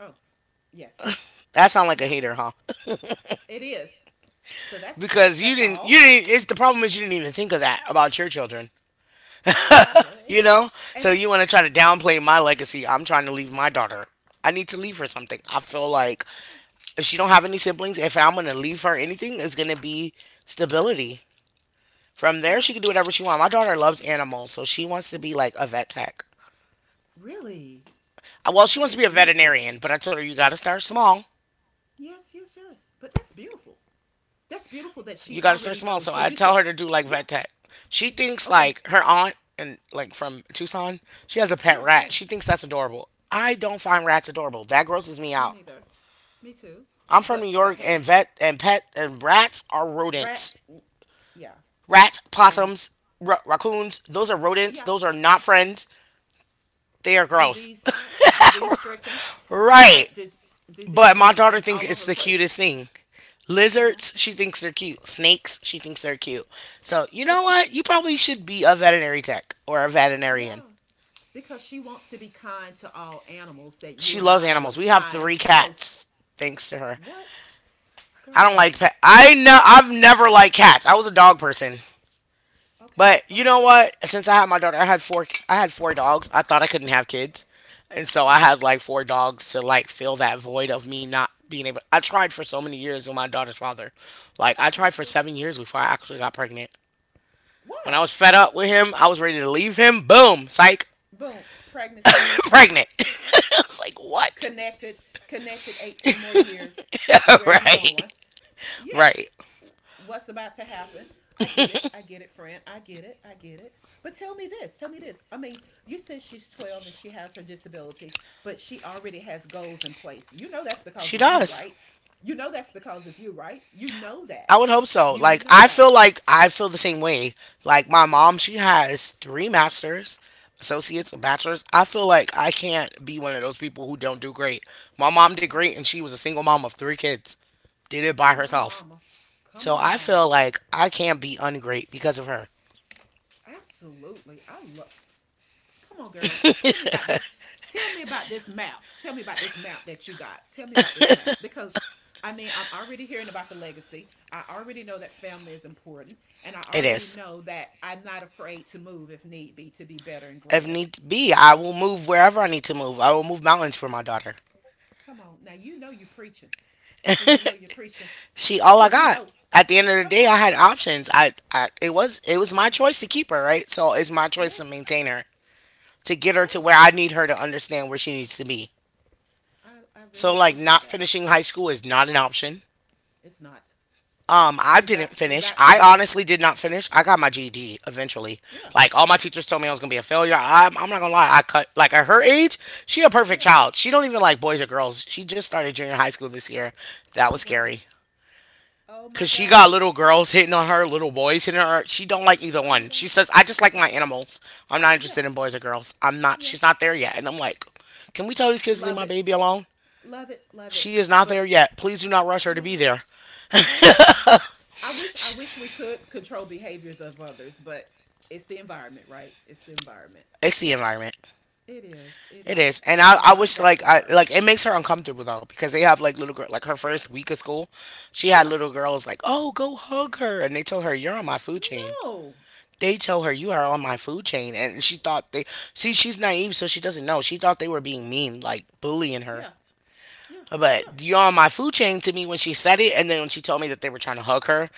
Speaker 2: Oh, yes.
Speaker 1: That sound like a
Speaker 2: Yeah,
Speaker 1: hater, huh?
Speaker 2: it is. So that's it.
Speaker 1: Because you
Speaker 2: That's
Speaker 1: didn't, you
Speaker 2: all.
Speaker 1: didn't. It's the problem is you didn't even think of that about your children.
Speaker 2: Really?
Speaker 1: You know,
Speaker 2: And
Speaker 1: so you want to try to downplay my legacy. I'm trying to leave my daughter. I need to leave her something. I feel like
Speaker 2: oh,
Speaker 1: if she don't have any siblings, if I'm gonna leave her anything, it's gonna be stability. From there,
Speaker 2: yeah,
Speaker 1: she can do whatever she wants. My daughter loves animals, so she wants to be like a vet tech.
Speaker 2: really.
Speaker 1: Well,
Speaker 2: Oh,
Speaker 1: she
Speaker 2: that
Speaker 1: wants to
Speaker 2: is
Speaker 1: be a
Speaker 2: beautiful.
Speaker 1: veterinarian, but I told her you got to start small.
Speaker 2: Yes, yes, yes. But that's beautiful. That's beautiful that she
Speaker 1: You got to start
Speaker 2: already
Speaker 1: small.
Speaker 2: knows
Speaker 1: So I
Speaker 2: cuz you
Speaker 1: tell
Speaker 2: said,
Speaker 1: her to do like
Speaker 2: "Yeah,
Speaker 1: vet tech. She thinks
Speaker 2: okay.
Speaker 1: like her aunt and like from Tucson, she has a pet
Speaker 2: Yeah,
Speaker 1: rat.
Speaker 2: yeah.
Speaker 1: She thinks that's adorable. I don't find rats adorable. That grosses me
Speaker 2: Me
Speaker 1: out.
Speaker 2: neither. Me too."
Speaker 1: I'm from New
Speaker 2: But
Speaker 1: York,
Speaker 2: hey,
Speaker 1: and vet and pet and rats are rodents.
Speaker 2: rats, yeah,
Speaker 1: Rats,
Speaker 2: and
Speaker 1: possums, raccoons, those are rodents.
Speaker 2: yeah,
Speaker 1: Those are not friends. They are gross.
Speaker 2: disease disease stricken. You're
Speaker 1: Right.
Speaker 2: right. Disease
Speaker 1: But my
Speaker 2: stricken
Speaker 1: daughter
Speaker 2: and
Speaker 1: thinks
Speaker 2: all
Speaker 1: it's
Speaker 2: over the
Speaker 1: the
Speaker 2: place.
Speaker 1: cutest thing.
Speaker 2: Well,
Speaker 1: Lizards, she thinks they're cute. Snakes, she thinks they're cute. So, you know
Speaker 2: but you,
Speaker 1: what? You probably should be a veterinary tech or a veterinarian.
Speaker 2: yeah, because she wants to be kind to all animals that you
Speaker 1: She
Speaker 2: and
Speaker 1: loves
Speaker 2: I
Speaker 1: animals.
Speaker 2: would
Speaker 1: We have
Speaker 2: find
Speaker 1: three
Speaker 2: gross.
Speaker 1: cats, thanks to her.
Speaker 2: What?
Speaker 1: I don't like
Speaker 2: Girl.
Speaker 1: pet. I know I've never liked cats. I was a dog person.
Speaker 2: Okay,
Speaker 1: But you know
Speaker 2: okay.
Speaker 1: what? Since I had my daughter, I had four. I had four dogs. I thought I couldn't have kids, and so I
Speaker 2: Uh-huh.
Speaker 1: had like 4 dogs to like fill that void of me not being able. I tried for so many years with my daughter's father. Like I tried
Speaker 2: Yes,
Speaker 1: for
Speaker 2: yes.
Speaker 1: 7 years before I actually got pregnant. When I
Speaker 2: Wow.
Speaker 1: was fed up with him, I was ready to leave him. Boom, psych,
Speaker 2: Boom, pregnancy.
Speaker 1: pregnant. I was like, what?
Speaker 2: Connected connected 18 more years. Where you
Speaker 1: Right,
Speaker 2: going? Yes,
Speaker 1: right.
Speaker 2: what's about to happen. I get it. I get it, friend. I get it. I get it. But tell me this. Tell me this. I mean, you said she's 12 and she has her disability, but she already has goals in place. You know that's
Speaker 1: She
Speaker 2: because of you,
Speaker 1: does.
Speaker 2: right? You know that's because of you, right? You know that.
Speaker 1: I would hope so.
Speaker 2: You know that.
Speaker 1: Like I feel the same way. Like my mom, she has three masters, associates, a
Speaker 2: Okay.
Speaker 1: bachelor's. I feel like I can't be one of those people who don't do great. My mom did
Speaker 2: Yeah.
Speaker 1: great and she was a single mom of three kids. Did it by
Speaker 2: Come on,
Speaker 1: herself.
Speaker 2: mama. Come
Speaker 1: So
Speaker 2: on,
Speaker 1: I
Speaker 2: mama.
Speaker 1: feel like I can't be ungreat because of her.
Speaker 2: Absolutely. I love. Come on, girl. Tell me about this. Tell me about this map. Tell me about this map that you got. Tell me about this map, because I mean, I'm already hearing about the legacy. I already know that family is important, and I
Speaker 1: It
Speaker 2: already
Speaker 1: is.
Speaker 2: know that I'm not afraid to move if need be to be better and
Speaker 1: If
Speaker 2: greater.
Speaker 1: need be, I will move wherever I need to move. I will move mountains for my daughter.
Speaker 2: Come on. Now you know you're preaching. Do you know you're preaching?
Speaker 1: She all I
Speaker 2: Cuz you
Speaker 1: got.
Speaker 2: know.
Speaker 1: At the end of the
Speaker 2: Come
Speaker 1: day,
Speaker 2: on.
Speaker 1: I had options. I it was my choice to keep her, right? So it's my choice to
Speaker 2: Yes.
Speaker 1: maintain her, to get her to
Speaker 2: Hey,
Speaker 1: where I need her to understand where she needs to be.
Speaker 2: I really
Speaker 1: So like
Speaker 2: appreciate
Speaker 1: not
Speaker 2: that.
Speaker 1: finishing high school is not an option.
Speaker 2: It's not.
Speaker 1: I
Speaker 2: You
Speaker 1: didn't
Speaker 2: got to, you
Speaker 1: finish.
Speaker 2: got to
Speaker 1: I
Speaker 2: do it.
Speaker 1: honestly did not finish. I got my GED eventually.
Speaker 2: Yeah.
Speaker 1: Like all my teachers told me I was gonna be a failure. I'm not gonna lie. I cut like at her age, she a perfect
Speaker 2: Yeah.
Speaker 1: child. She don't even like boys or girls. She just started junior high school this year. That
Speaker 2: Oh
Speaker 1: was
Speaker 2: wow.
Speaker 1: scary.
Speaker 2: Oh
Speaker 1: Cause
Speaker 2: my
Speaker 1: she got
Speaker 2: god.
Speaker 1: little girls hitting on her, little boys hitting on her. She don't like either
Speaker 2: Oh my
Speaker 1: one. She
Speaker 2: god.
Speaker 1: says, "I just like my animals. I'm not
Speaker 2: Yeah.
Speaker 1: interested in boys or girls. I'm not.
Speaker 2: Yeah.
Speaker 1: She's not there yet." And I'm like, "Can we tell these kids to leave
Speaker 2: Love
Speaker 1: my
Speaker 2: it.
Speaker 1: baby alone?
Speaker 2: Love it. Love it.
Speaker 1: She is not there
Speaker 2: But
Speaker 1: yet. Please do not rush her to be
Speaker 2: yeah,
Speaker 1: there.
Speaker 2: yeah. I wish we could control behaviors of others, but it's the environment, right? It's the environment.
Speaker 1: It's the environment.
Speaker 2: It is. It
Speaker 1: It is."
Speaker 2: is.
Speaker 1: And
Speaker 2: But
Speaker 1: I,
Speaker 2: I
Speaker 1: I
Speaker 2: love
Speaker 1: wish,
Speaker 2: that
Speaker 1: like,
Speaker 2: for
Speaker 1: I
Speaker 2: her.
Speaker 1: like it makes her uncomfortable though, because they have like little girl, like her
Speaker 2: Yeah.
Speaker 1: first week of school, she had
Speaker 2: Yeah.
Speaker 1: little girls like, "Oh, go hug her," and they told her, "You're on my food chain."
Speaker 2: No.
Speaker 1: They tell her you are on my
Speaker 2: Uh,
Speaker 1: food chain, and she thought they, see, she's naive, so she doesn't know. She thought they were being mean, like bullying her,
Speaker 2: yeah. Yeah.
Speaker 1: but,
Speaker 2: Yeah.
Speaker 1: "You're on my food chain," to me when she said it, and then when she told me that they were trying to hug her,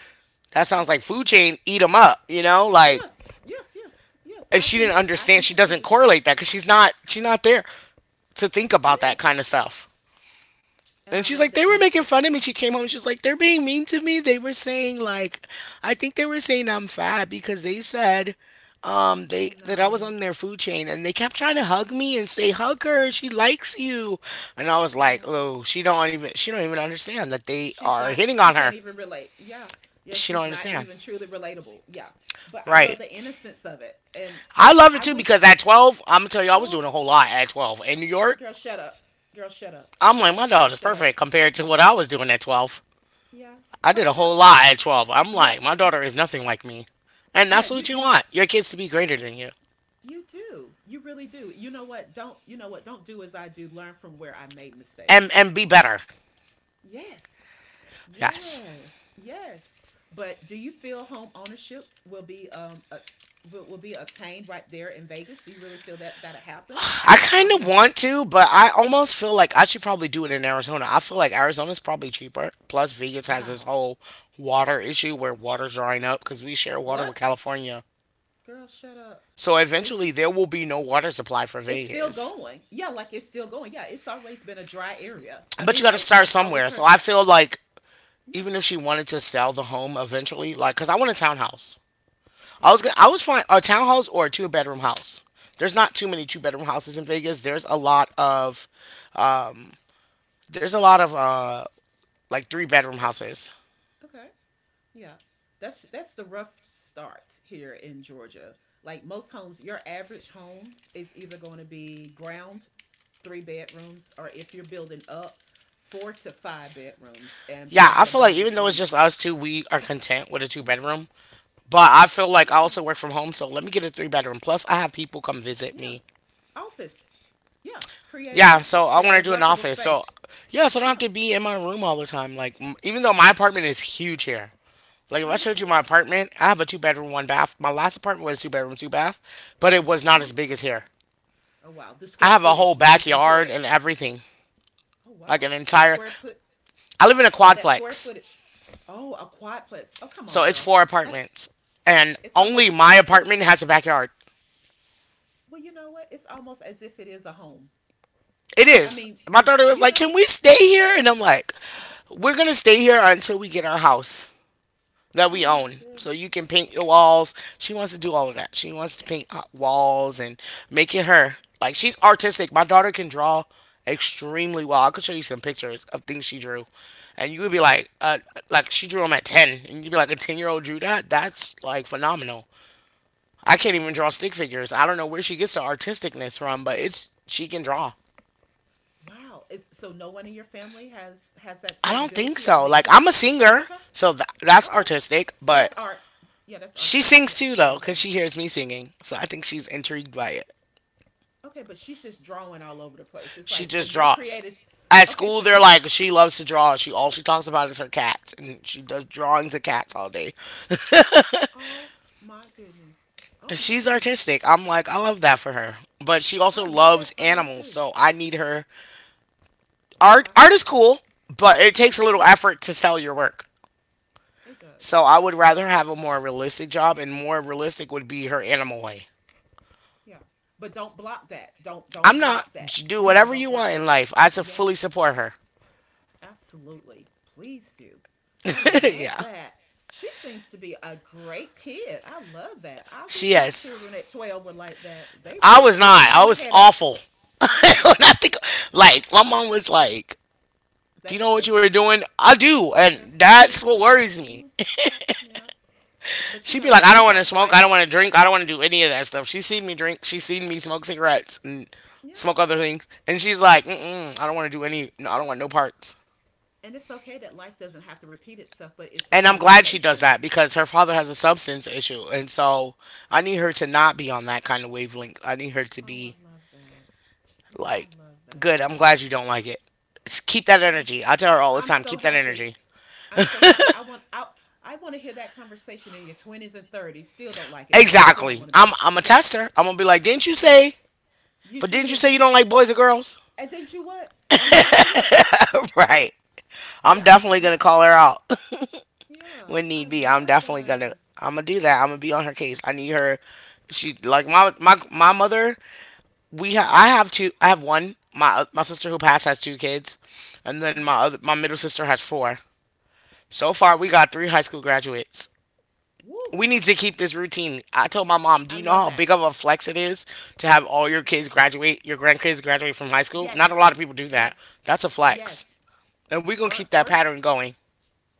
Speaker 1: that sounds
Speaker 2: Yeah.
Speaker 1: like food chain, eat them up, like.
Speaker 2: Yes. Yes. Yes. Yes.
Speaker 1: And
Speaker 2: I
Speaker 1: she didn't
Speaker 2: connect. I
Speaker 1: understand, she
Speaker 2: completely
Speaker 1: doesn't
Speaker 2: understand.
Speaker 1: correlate that, because she's not, she's not there to think about that
Speaker 2: Yes.
Speaker 1: kind of stuff.
Speaker 2: And
Speaker 1: And
Speaker 2: I
Speaker 1: she's like,
Speaker 2: love
Speaker 1: "They
Speaker 2: the
Speaker 1: were making fun
Speaker 2: innocence.
Speaker 1: of me." She came home and she was like, "They're being mean to me. They were saying like, I think they were saying I'm fat because they said,
Speaker 2: Oh
Speaker 1: they that I was
Speaker 2: no.
Speaker 1: on their food chain, and they kept trying to hug me and say, 'Hug her, she likes you.'" And I was like,
Speaker 2: Oh.
Speaker 1: oh, she don't even, she don't even understand that they are hitting
Speaker 2: She
Speaker 1: on
Speaker 2: can't
Speaker 1: her.
Speaker 2: even relate, yeah, yeah,
Speaker 1: She don't
Speaker 2: she's not
Speaker 1: understand.
Speaker 2: even truly relatable, yeah, but I love
Speaker 1: Right.
Speaker 2: the innocence of it. And
Speaker 1: I love it
Speaker 2: I
Speaker 1: too,
Speaker 2: wish.
Speaker 1: because at 12, I'm gonna tell you, I was doing
Speaker 2: Oh,
Speaker 1: a whole lot at 12 in New York.
Speaker 2: girl, shut up. Girl, shut up.
Speaker 1: I'm like, my
Speaker 2: Girl,
Speaker 1: daughter's
Speaker 2: shut
Speaker 1: perfect
Speaker 2: up.
Speaker 1: compared to what I was doing at 12.
Speaker 2: Yeah,
Speaker 1: I
Speaker 2: quite
Speaker 1: did a
Speaker 2: kind of,
Speaker 1: whole lot at 12. I'm
Speaker 2: yeah,
Speaker 1: like, my daughter is nothing like me, and
Speaker 2: yeah.
Speaker 1: that's
Speaker 2: you
Speaker 1: what you
Speaker 2: you know
Speaker 1: want, your kids to be greater than you
Speaker 2: you do. You really do. You know what? Don't do as I do. Learn from where I made
Speaker 1: and
Speaker 2: mistakes.
Speaker 1: and be better.
Speaker 2: Yes.
Speaker 1: Yes.
Speaker 2: Yes, yes. But do you feel home ownership will be will be obtained right there in Vegas? Do you really feel that that'll happen?
Speaker 1: I
Speaker 2: I
Speaker 1: kind of
Speaker 2: mean,
Speaker 1: want to, but I almost feel like I should probably do it in Arizona. I feel like Arizona's probably cheaper. Plus, Vegas has this
Speaker 2: wow.
Speaker 1: whole water issue where water's drying up because we share water with
Speaker 2: What?
Speaker 1: California.
Speaker 2: Girl, shut up.
Speaker 1: So
Speaker 2: They s-
Speaker 1: eventually, there will be no water supply for
Speaker 2: it's still
Speaker 1: Vegas.
Speaker 2: going. Yeah, like it's still going. Yeah, it's always been a dry area. I
Speaker 1: But
Speaker 2: mean,
Speaker 1: you got to
Speaker 2: like
Speaker 1: start
Speaker 2: I've always
Speaker 1: somewhere. So
Speaker 2: heard
Speaker 1: I
Speaker 2: that.
Speaker 1: feel like
Speaker 2: Yeah.
Speaker 1: even if she wanted to sell the home eventually, like, cause I want a townhouse. I was
Speaker 2: Okay.
Speaker 1: gonna, I was find a townhouse or a two-bedroom house. There's not too many two
Speaker 2: Okay.
Speaker 1: bedroom houses in Vegas. There's a lot of there's a lot of like, three-bedroom
Speaker 2: But
Speaker 1: houses.
Speaker 2: okay. Yeah. That's the rough start here in Georgia. Like most homes, your average home is either going to be ground three bedrooms, or if you're building up, four to five bedrooms and
Speaker 1: Yeah, I
Speaker 2: probably a
Speaker 1: feel like even
Speaker 2: bonus
Speaker 1: though it's
Speaker 2: room.
Speaker 1: just us two, we are content with a two
Speaker 2: Yeah.
Speaker 1: bedroom. But I feel like I
Speaker 2: Yeah.
Speaker 1: also work from home, so let me get a three bedroom. Plus, I have people come visit
Speaker 2: Yeah.
Speaker 1: me.
Speaker 2: Office. Yeah. Create an
Speaker 1: Yeah, so
Speaker 2: office.
Speaker 1: I
Speaker 2: Create
Speaker 1: want
Speaker 2: a
Speaker 1: to do an
Speaker 2: workable
Speaker 1: office. So,
Speaker 2: space.
Speaker 1: yeah, so I don't have
Speaker 2: Yeah.
Speaker 1: to be in my room all the time. Like, even though my apartment is huge here. Like, if
Speaker 2: I
Speaker 1: I showed you my
Speaker 2: understand.
Speaker 1: apartment, I have a two bedroom, one bath. My last apartment was two bedroom, two bath, but it was
Speaker 2: Uh
Speaker 1: not
Speaker 2: huh.
Speaker 1: as big as here.
Speaker 2: Oh wow. The
Speaker 1: I
Speaker 2: square
Speaker 1: have a whole
Speaker 2: footage is
Speaker 1: backyard
Speaker 2: important.
Speaker 1: and everything.
Speaker 2: Oh
Speaker 1: Like,
Speaker 2: wow.
Speaker 1: an
Speaker 2: The
Speaker 1: entire.
Speaker 2: square foot.
Speaker 1: I
Speaker 2: Yeah.
Speaker 1: live in a
Speaker 2: Yeah. That square
Speaker 1: quadplex.
Speaker 2: footage. Oh, a quadplex. Oh come on,
Speaker 1: So it's
Speaker 2: girl.
Speaker 1: four
Speaker 2: That's.
Speaker 1: apartments. And
Speaker 2: It's
Speaker 1: only
Speaker 2: almost.
Speaker 1: my
Speaker 2: It's.
Speaker 1: apartment has a backyard.
Speaker 2: Well, you know what? It's almost as if it is a home.
Speaker 1: It
Speaker 2: I
Speaker 1: is.
Speaker 2: mean,
Speaker 1: My daughter was
Speaker 2: you
Speaker 1: like,
Speaker 2: know.
Speaker 1: "Can we stay here?" And I'm like, "We're going to stay here until we get our house that
Speaker 2: Oh
Speaker 1: we
Speaker 2: my
Speaker 1: own.
Speaker 2: good.
Speaker 1: So you can paint your walls." She wants to do all of that. She wants to paint walls and make it her. Like, she's artistic. My daughter can draw extremely well. I could show you some pictures of things she drew. And you would be like she drew them at 10. And you'd be like, a 10-year-old drew that? That's like phenomenal. I
Speaker 2: Oh
Speaker 1: can't even draw
Speaker 2: wow.
Speaker 1: stick figures. I don't know where she gets the artisticness from, but it's she can draw.
Speaker 2: Wow. Is so no one in your family has that
Speaker 1: I
Speaker 2: certain
Speaker 1: don't think
Speaker 2: ability? I
Speaker 1: so.
Speaker 2: mean,
Speaker 1: Like,
Speaker 2: just
Speaker 1: I'm a singer,
Speaker 2: okay,
Speaker 1: so that's
Speaker 2: okay.
Speaker 1: artistic, but
Speaker 2: That's art. Yeah, that's
Speaker 1: she
Speaker 2: artistic.
Speaker 1: sings
Speaker 2: Yeah,
Speaker 1: too
Speaker 2: very
Speaker 1: though,
Speaker 2: very.
Speaker 1: cuz she hears me singing. So I think she's intrigued by it.
Speaker 2: Okay, but she's just drawing all over the place. It's
Speaker 1: She
Speaker 2: like, so
Speaker 1: just
Speaker 2: you're
Speaker 1: draws.
Speaker 2: created.
Speaker 1: At
Speaker 2: Okay,
Speaker 1: school
Speaker 2: so
Speaker 1: they're
Speaker 2: you're.
Speaker 1: like, she loves to draw. She all she talks about is her cats, and she does drawings of cats all day.
Speaker 2: Oh my goodness. Oh my
Speaker 1: She's
Speaker 2: goodness.
Speaker 1: artistic. I'm like, I love that for her. But she
Speaker 2: I
Speaker 1: also
Speaker 2: love
Speaker 1: loves
Speaker 2: that for her
Speaker 1: animals,
Speaker 2: too.
Speaker 1: so I need her, art,
Speaker 2: Yeah.
Speaker 1: art is cool, but it takes a
Speaker 2: Yes, it
Speaker 1: little
Speaker 2: is.
Speaker 1: effort to sell your work.
Speaker 2: It does.
Speaker 1: So I would
Speaker 2: It
Speaker 1: rather
Speaker 2: does.
Speaker 1: have a more realistic job, and more realistic would be her animal way.
Speaker 2: Yeah. But don't block that. Don't
Speaker 1: I'm not.
Speaker 2: block that.
Speaker 1: Do
Speaker 2: You know,
Speaker 1: whatever
Speaker 2: don't
Speaker 1: you
Speaker 2: block
Speaker 1: want in
Speaker 2: that.
Speaker 1: life. I
Speaker 2: Yes.
Speaker 1: fully support her.
Speaker 2: Absolutely. Please do. I love
Speaker 1: Yeah,
Speaker 2: that. She seems to be a great kid. I love that. I
Speaker 1: she
Speaker 2: wish my
Speaker 1: is.
Speaker 2: children at 12 were like that. They were
Speaker 1: I
Speaker 2: just
Speaker 1: was
Speaker 2: giving
Speaker 1: not. I
Speaker 2: mama
Speaker 1: was
Speaker 2: headaches.
Speaker 1: awful. When I
Speaker 2: Yes.
Speaker 1: think, like, my
Speaker 2: Yes.
Speaker 1: mom was like,
Speaker 2: The
Speaker 1: "Do you know what you
Speaker 2: headache.
Speaker 1: were doing?" I do,
Speaker 2: Yeah.
Speaker 1: and
Speaker 2: Yeah.
Speaker 1: that's what
Speaker 2: The headaches.
Speaker 1: worries me.
Speaker 2: Yeah, yeah. But you
Speaker 1: She'd be
Speaker 2: know
Speaker 1: like,
Speaker 2: what?
Speaker 1: "I don't want to
Speaker 2: Sometimes
Speaker 1: smoke.
Speaker 2: life,
Speaker 1: I don't want to drink. I don't want to do any of that stuff." She's seen me drink. She's seen me smoke cigarettes and
Speaker 2: yeah.
Speaker 1: smoke other things, and she's like, mm-mm, "I don't want to do any. No, I
Speaker 2: Yeah.
Speaker 1: don't want no parts."
Speaker 2: And it's okay that life doesn't have to repeat itself, but it's the
Speaker 1: And I'm glad she does that,
Speaker 2: conversations.
Speaker 1: because her father has a substance issue. And so I need her to not be on that kind of wavelength. I need her to
Speaker 2: Oh,
Speaker 1: be
Speaker 2: I love that. I
Speaker 1: like,
Speaker 2: love that.
Speaker 1: good, I'm glad you don't like it. Keep that
Speaker 2: I'm
Speaker 1: energy. I tell her all the
Speaker 2: I'm
Speaker 1: time,
Speaker 2: so
Speaker 1: keep that
Speaker 2: happy.
Speaker 1: energy.
Speaker 2: I'm so happy. I want to hear that conversation in your 20s and 30s. Still don't like it, mom. Still don't
Speaker 1: Exactly.
Speaker 2: want to be
Speaker 1: I'm
Speaker 2: that.
Speaker 1: I'm a
Speaker 2: Yes.
Speaker 1: tester. I'm gonna be like, didn't you
Speaker 2: Yeah.
Speaker 1: say,
Speaker 2: You
Speaker 1: but
Speaker 2: you
Speaker 1: didn't you say
Speaker 2: didn't.
Speaker 1: you don't like boys or girls?
Speaker 2: And did you what? And did you what?
Speaker 1: Right. I'm
Speaker 2: Yeah.
Speaker 1: definitely gonna
Speaker 2: Yeah.
Speaker 1: call her out
Speaker 2: Yeah.
Speaker 1: when
Speaker 2: I
Speaker 1: need be. I'm
Speaker 2: love
Speaker 1: definitely gonna,
Speaker 2: that.
Speaker 1: I'm gonna do that. I'm gonna be on her case. I need her, she like my mother.
Speaker 2: Mm-hmm.
Speaker 1: I have two. I have one. My sister who passed has two kids, and then my
Speaker 2: Uh-huh.
Speaker 1: other my middle sister has four. So far, we
Speaker 2: Okay.
Speaker 1: got three high school graduates.
Speaker 2: Woo.
Speaker 1: We need to keep this routine. I told my mom, "Do
Speaker 2: I
Speaker 1: you know
Speaker 2: love
Speaker 1: how
Speaker 2: that.
Speaker 1: big of a flex it is to have all your
Speaker 2: Yeah.
Speaker 1: kids graduate, your grandkids graduate from high school? Not a
Speaker 2: Yes.
Speaker 1: lot of people do that.
Speaker 2: Yes.
Speaker 1: That's a flex,
Speaker 2: Yes.
Speaker 1: and we're gonna
Speaker 2: Or
Speaker 1: keep that
Speaker 2: or
Speaker 1: pattern going."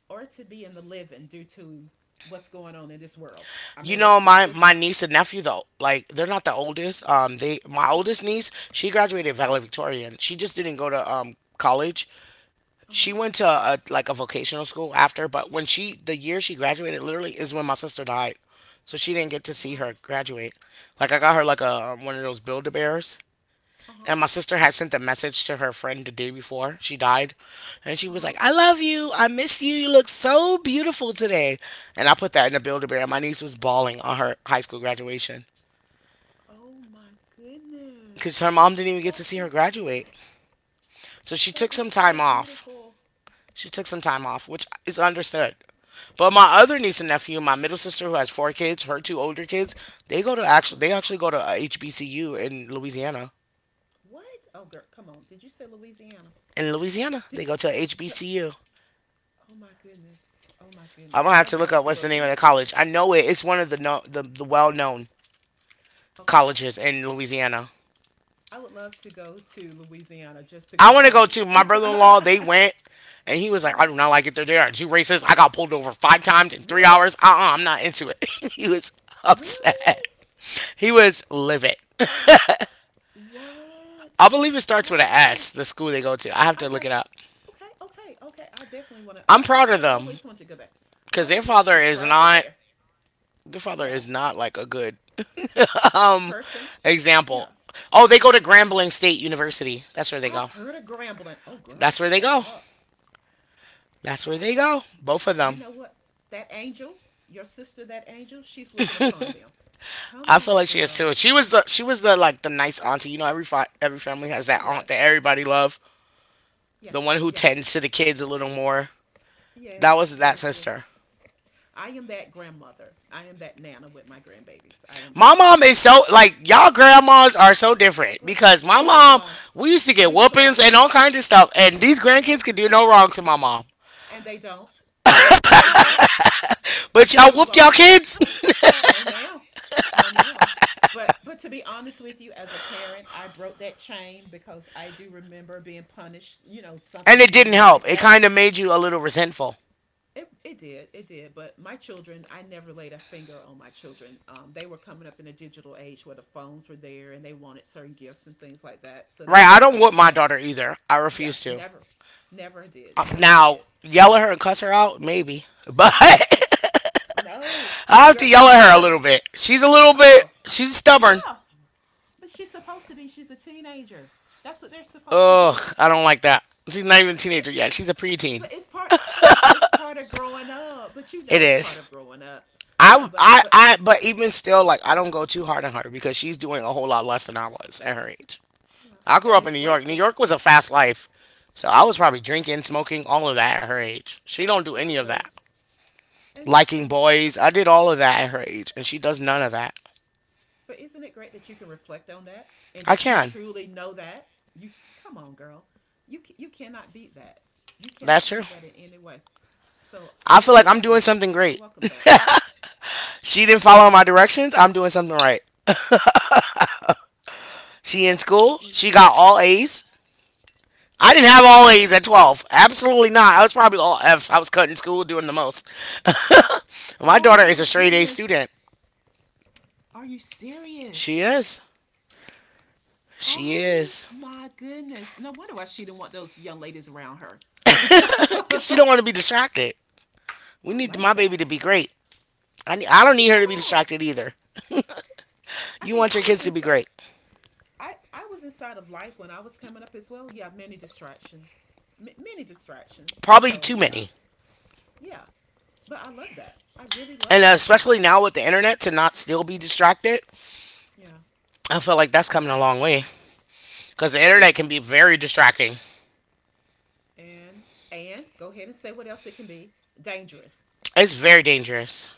Speaker 2: or to be in the living due to what's going on in this world. I
Speaker 1: You
Speaker 2: mean,
Speaker 1: know,
Speaker 2: let's
Speaker 1: my
Speaker 2: just.
Speaker 1: my niece and nephew though, like, they're not the oldest. They my
Speaker 2: Uh-huh.
Speaker 1: oldest niece, she graduated valedictorian. She just didn't go to college. She
Speaker 2: Uh-huh.
Speaker 1: went to a, like a vocational school after, but when she the year she graduated literally is when my sister died, so she didn't get to see
Speaker 2: Wow.
Speaker 1: her graduate. Like, I got her like a one of those Build a Bears,
Speaker 2: Uh-huh.
Speaker 1: and my sister had sent a message to her friend the day before she died, and she was
Speaker 2: Uh-huh.
Speaker 1: like, "I love you, I miss you, you look so beautiful today," and I put that in a Build a Bear. My niece was bawling on her high school graduation
Speaker 2: Oh my goodness.
Speaker 1: because her mom didn't even get
Speaker 2: That
Speaker 1: to see her
Speaker 2: is
Speaker 1: graduate, so she
Speaker 2: that
Speaker 1: took
Speaker 2: is
Speaker 1: some
Speaker 2: so
Speaker 1: time off.
Speaker 2: beautiful.
Speaker 1: She took some time off, which is understood. But my other niece and nephew, my middle sister who has four kids, her two older kids, they go to, actually
Speaker 2: Yeah.
Speaker 1: they actually go to a HBCU in Louisiana.
Speaker 2: What? Oh girl, come on. Did you say Louisiana?
Speaker 1: In Louisiana,
Speaker 2: Did.
Speaker 1: they go to a HBCU.
Speaker 2: Oh my goodness. Oh my
Speaker 1: I'm
Speaker 2: goodness.
Speaker 1: gonna have
Speaker 2: I
Speaker 1: to
Speaker 2: would
Speaker 1: look
Speaker 2: love
Speaker 1: up
Speaker 2: to
Speaker 1: what's
Speaker 2: go
Speaker 1: the
Speaker 2: to.
Speaker 1: name of the college. I know it. It's one of the no, the well known
Speaker 2: Okay.
Speaker 1: colleges in Louisiana.
Speaker 2: I would love to go to Louisiana just to
Speaker 1: I
Speaker 2: go
Speaker 1: want to go too.
Speaker 2: party.
Speaker 1: My brother in law, they
Speaker 2: Uh-huh.
Speaker 1: went, and he was like, "I do not like it. They're there. Two races. I got pulled over five times in three
Speaker 2: What?
Speaker 1: hours. I'm not into it." He was upset.
Speaker 2: Really?
Speaker 1: He was livid.
Speaker 2: What?
Speaker 1: I believe it starts with
Speaker 2: Oh
Speaker 1: an
Speaker 2: my goodness.
Speaker 1: S, the school they go to. I have
Speaker 2: I
Speaker 1: to look it
Speaker 2: got you.
Speaker 1: up.
Speaker 2: Okay, okay, okay. I definitely want to,
Speaker 1: I'm
Speaker 2: but I,
Speaker 1: proud of
Speaker 2: I've
Speaker 1: them
Speaker 2: always wanted to go there.
Speaker 1: because
Speaker 2: I
Speaker 1: their
Speaker 2: would love
Speaker 1: father
Speaker 2: to
Speaker 1: is
Speaker 2: travel
Speaker 1: not
Speaker 2: there. Yeah,
Speaker 1: like a good um
Speaker 2: person.
Speaker 1: example.
Speaker 2: Yeah.
Speaker 1: Oh, they go to Grambling State University. That's where they
Speaker 2: I've
Speaker 1: go.
Speaker 2: heard of Grambling. Oh, girl,
Speaker 1: That's where they
Speaker 2: shut
Speaker 1: go.
Speaker 2: up.
Speaker 1: That's where they
Speaker 2: Wow.
Speaker 1: go. Both of
Speaker 2: You
Speaker 1: them.
Speaker 2: know what? That angel, your sister, that angel, she's looking upon them. Come
Speaker 1: I feel
Speaker 2: on,
Speaker 1: like she is
Speaker 2: girl.
Speaker 1: too. She was the like the nice auntie. You know, every family has
Speaker 2: Oh,
Speaker 1: that
Speaker 2: yeah.
Speaker 1: aunt that everybody love.
Speaker 2: Yeah.
Speaker 1: The one who
Speaker 2: Yeah.
Speaker 1: tends to the kids a little more. That
Speaker 2: Yes.
Speaker 1: was that
Speaker 2: Yes. Yes.
Speaker 1: sister.
Speaker 2: I am that grandmother. I am that nana with my grandbabies. I am that
Speaker 1: My mom
Speaker 2: nana.
Speaker 1: is so like y'all grandmas are so different
Speaker 2: What?
Speaker 1: because my
Speaker 2: Leave us
Speaker 1: mom
Speaker 2: alone.
Speaker 1: we used to get
Speaker 2: Leave us
Speaker 1: whoopings
Speaker 2: alone.
Speaker 1: and all kinds of stuff and these grandkids
Speaker 2: Nope.
Speaker 1: could do no wrong to my mom.
Speaker 2: And they don't. And they don't.
Speaker 1: But y'all
Speaker 2: Move
Speaker 1: whooped y'all
Speaker 2: on.
Speaker 1: kids.
Speaker 2: No, ma'am. No, ma'am. But to be honest with you, as a parent, I broke that chain because I do remember being punished, you know, something
Speaker 1: And it didn't
Speaker 2: similar
Speaker 1: help.
Speaker 2: like
Speaker 1: It
Speaker 2: that.
Speaker 1: kind of made you a little resentful.
Speaker 2: It did, but my children, I never laid a finger on my children. They were coming up in a digital age where the phones were there and they wanted certain gifts and things like that, so they
Speaker 1: Right? I
Speaker 2: worked
Speaker 1: don't whoop
Speaker 2: toward
Speaker 1: my
Speaker 2: that.
Speaker 1: daughter either. I
Speaker 2: Yeah,
Speaker 1: refuse to.
Speaker 2: never. never did never
Speaker 1: Now,
Speaker 2: did
Speaker 1: yell at her and cuss her out maybe. But I
Speaker 2: Oh no.
Speaker 1: have to
Speaker 2: Girl, I
Speaker 1: yell
Speaker 2: don't
Speaker 1: at her a little
Speaker 2: curse.
Speaker 1: bit.
Speaker 2: Oh no.
Speaker 1: She's stubborn.
Speaker 2: Yeah. But she's supposed to be. She's a teenager. That's what they're supposed to
Speaker 1: Ugh,
Speaker 2: do.
Speaker 1: I don't like that. She's not even a teenager
Speaker 2: But
Speaker 1: yet. She's a preteen.
Speaker 2: but it's part of growing up. But you
Speaker 1: It
Speaker 2: know it's part
Speaker 1: is.
Speaker 2: of growing up. Yeah, but but
Speaker 1: But even still, like, I don't go too hard on her because she's doing a whole lot less than I was at her age.
Speaker 2: yeah,
Speaker 1: I grew
Speaker 2: and
Speaker 1: up in
Speaker 2: it's
Speaker 1: New York.
Speaker 2: great
Speaker 1: New
Speaker 2: that,
Speaker 1: York was a fast life. So I was
Speaker 2: yeah,
Speaker 1: probably drinking, smoking, all of that at her age. She don't do any of
Speaker 2: absolutely.
Speaker 1: that.
Speaker 2: And
Speaker 1: Liking
Speaker 2: and
Speaker 1: boys, I did all of that at her age, and she does none of that.
Speaker 2: but isn't it great that you can reflect on that and
Speaker 1: I
Speaker 2: that you
Speaker 1: can.
Speaker 2: truly know that you. Come on, girl, you cannot beat that. You cannot
Speaker 1: That's true.
Speaker 2: beat that in any way. So
Speaker 1: I
Speaker 2: I
Speaker 1: feel like I'm
Speaker 2: welcome
Speaker 1: doing something
Speaker 2: I
Speaker 1: great.
Speaker 2: welcome that.
Speaker 1: She didn't
Speaker 2: Yeah,
Speaker 1: follow my directions. I'm doing something right. She in school.
Speaker 2: absolutely.
Speaker 1: She got all A's. I didn't have all A's at 12. Absolutely not. I was probably all F's. I was cutting school, doing the most. My
Speaker 2: Oh
Speaker 1: daughter is
Speaker 2: my
Speaker 1: a straight A
Speaker 2: goodness.
Speaker 1: student.
Speaker 2: Are you
Speaker 1: She
Speaker 2: serious?
Speaker 1: is. She
Speaker 2: Oh
Speaker 1: is.
Speaker 2: my goodness. No wonder why she didn't want those young ladies around her.
Speaker 1: Cause she
Speaker 2: I
Speaker 1: don't want to be distracted. We need
Speaker 2: like
Speaker 1: my baby
Speaker 2: that.
Speaker 1: to be great. I
Speaker 2: I
Speaker 1: don't
Speaker 2: mean,
Speaker 1: need her
Speaker 2: come
Speaker 1: to be
Speaker 2: on.
Speaker 1: distracted either.
Speaker 2: I
Speaker 1: You
Speaker 2: mean,
Speaker 1: want
Speaker 2: I
Speaker 1: your
Speaker 2: was
Speaker 1: kids to be
Speaker 2: inside.
Speaker 1: great.
Speaker 2: I was inside of life when I was coming up as well. Yeah, many distractions. Many distractions.
Speaker 1: Probably
Speaker 2: So
Speaker 1: too
Speaker 2: yeah,
Speaker 1: many.
Speaker 2: yeah. But I love that. I really love
Speaker 1: And
Speaker 2: that for
Speaker 1: especially
Speaker 2: her.
Speaker 1: now with the internet to not still be distracted.
Speaker 2: Yeah,
Speaker 1: I feel like that's coming
Speaker 2: yeah.
Speaker 1: a long way. Cause the internet
Speaker 2: It's,
Speaker 1: can be very distracting.
Speaker 2: and and go ahead and say what else it can be. Dangerous,
Speaker 1: It's very dangerous.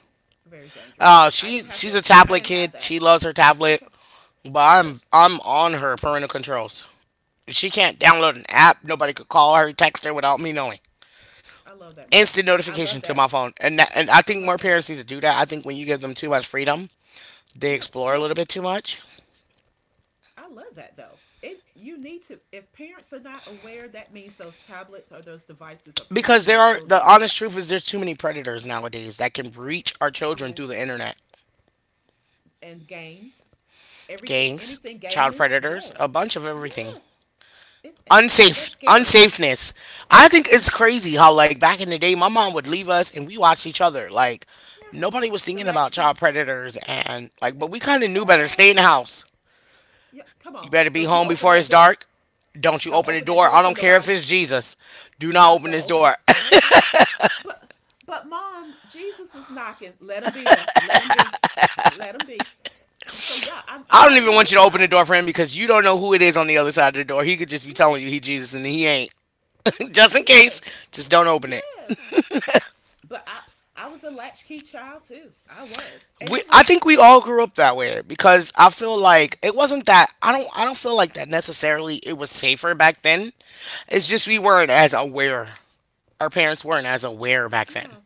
Speaker 2: very dangerous. I didn't have
Speaker 1: She's
Speaker 2: to.
Speaker 1: a
Speaker 2: I
Speaker 1: tablet
Speaker 2: didn't have
Speaker 1: kid.
Speaker 2: that.
Speaker 1: She loves her tablet.
Speaker 2: Okay,
Speaker 1: But
Speaker 2: okay.
Speaker 1: I'm on her parental controls. She can't download an app. Nobody could call her, text her without me knowing.
Speaker 2: I love that, mom.
Speaker 1: Instant
Speaker 2: I
Speaker 1: notification
Speaker 2: love
Speaker 1: to my
Speaker 2: that.
Speaker 1: phone. And that, and I
Speaker 2: I
Speaker 1: think more
Speaker 2: love that.
Speaker 1: parents need to do that. I think when you give them too much freedom, they
Speaker 2: Yes,
Speaker 1: explore a little
Speaker 2: yes.
Speaker 1: bit too much
Speaker 2: I love that though. It, you need to, if parents are not aware, that means those tablets or those devices are
Speaker 1: because
Speaker 2: parenting their
Speaker 1: the
Speaker 2: children.
Speaker 1: honest truth is there's too many predators nowadays that can reach our children through the
Speaker 2: Yes,
Speaker 1: internet.
Speaker 2: and games. Everything
Speaker 1: Gangs,
Speaker 2: Anything
Speaker 1: child
Speaker 2: gaming,
Speaker 1: predators,
Speaker 2: yes.
Speaker 1: a bunch of everything.
Speaker 2: Yes. It's, and that's
Speaker 1: Unsafe,
Speaker 2: scary.
Speaker 1: unsafeness. I think it's
Speaker 2: Yeah.
Speaker 1: crazy how like back in the day, my mom would leave us and we watched each other. Like
Speaker 2: Yeah.
Speaker 1: nobody was
Speaker 2: The
Speaker 1: thinking about
Speaker 2: latchkey.
Speaker 1: child predators and like, but
Speaker 2: It's
Speaker 1: we kind of knew better. Stay
Speaker 2: child.
Speaker 1: in the house.
Speaker 2: Yeah. Come
Speaker 1: You
Speaker 2: on.
Speaker 1: better be
Speaker 2: Don't you
Speaker 1: home
Speaker 2: open
Speaker 1: before
Speaker 2: that
Speaker 1: it's
Speaker 2: door.
Speaker 1: dark. Don't you
Speaker 2: Don't
Speaker 1: open the
Speaker 2: open that
Speaker 1: door.
Speaker 2: door
Speaker 1: I
Speaker 2: for
Speaker 1: don't care
Speaker 2: nobody.
Speaker 1: if it's Jesus. Do not open
Speaker 2: Don't
Speaker 1: this
Speaker 2: open
Speaker 1: door.
Speaker 2: it. But but mom, Jesus was knocking. Let him be there. Let him be. Let him be. So yeah, I'm
Speaker 1: I don't
Speaker 2: right
Speaker 1: even
Speaker 2: there
Speaker 1: want you
Speaker 2: with
Speaker 1: to
Speaker 2: you.
Speaker 1: open
Speaker 2: I
Speaker 1: the
Speaker 2: was,
Speaker 1: door for him because you don't know who it is on the other side of the door. He could just be
Speaker 2: yeah,
Speaker 1: telling you he Jesus and he ain't. Just in case,
Speaker 2: yes,
Speaker 1: just don't open it.
Speaker 2: yes. But I was a latchkey child too. I was, and it
Speaker 1: I
Speaker 2: was
Speaker 1: think we
Speaker 2: it.
Speaker 1: all grew up that way because I feel
Speaker 2: Yeah,
Speaker 1: like it wasn't that I don't feel like that necessarily it was safer back then. It's just we weren't as aware. Our parents weren't as aware back then
Speaker 2: yeah.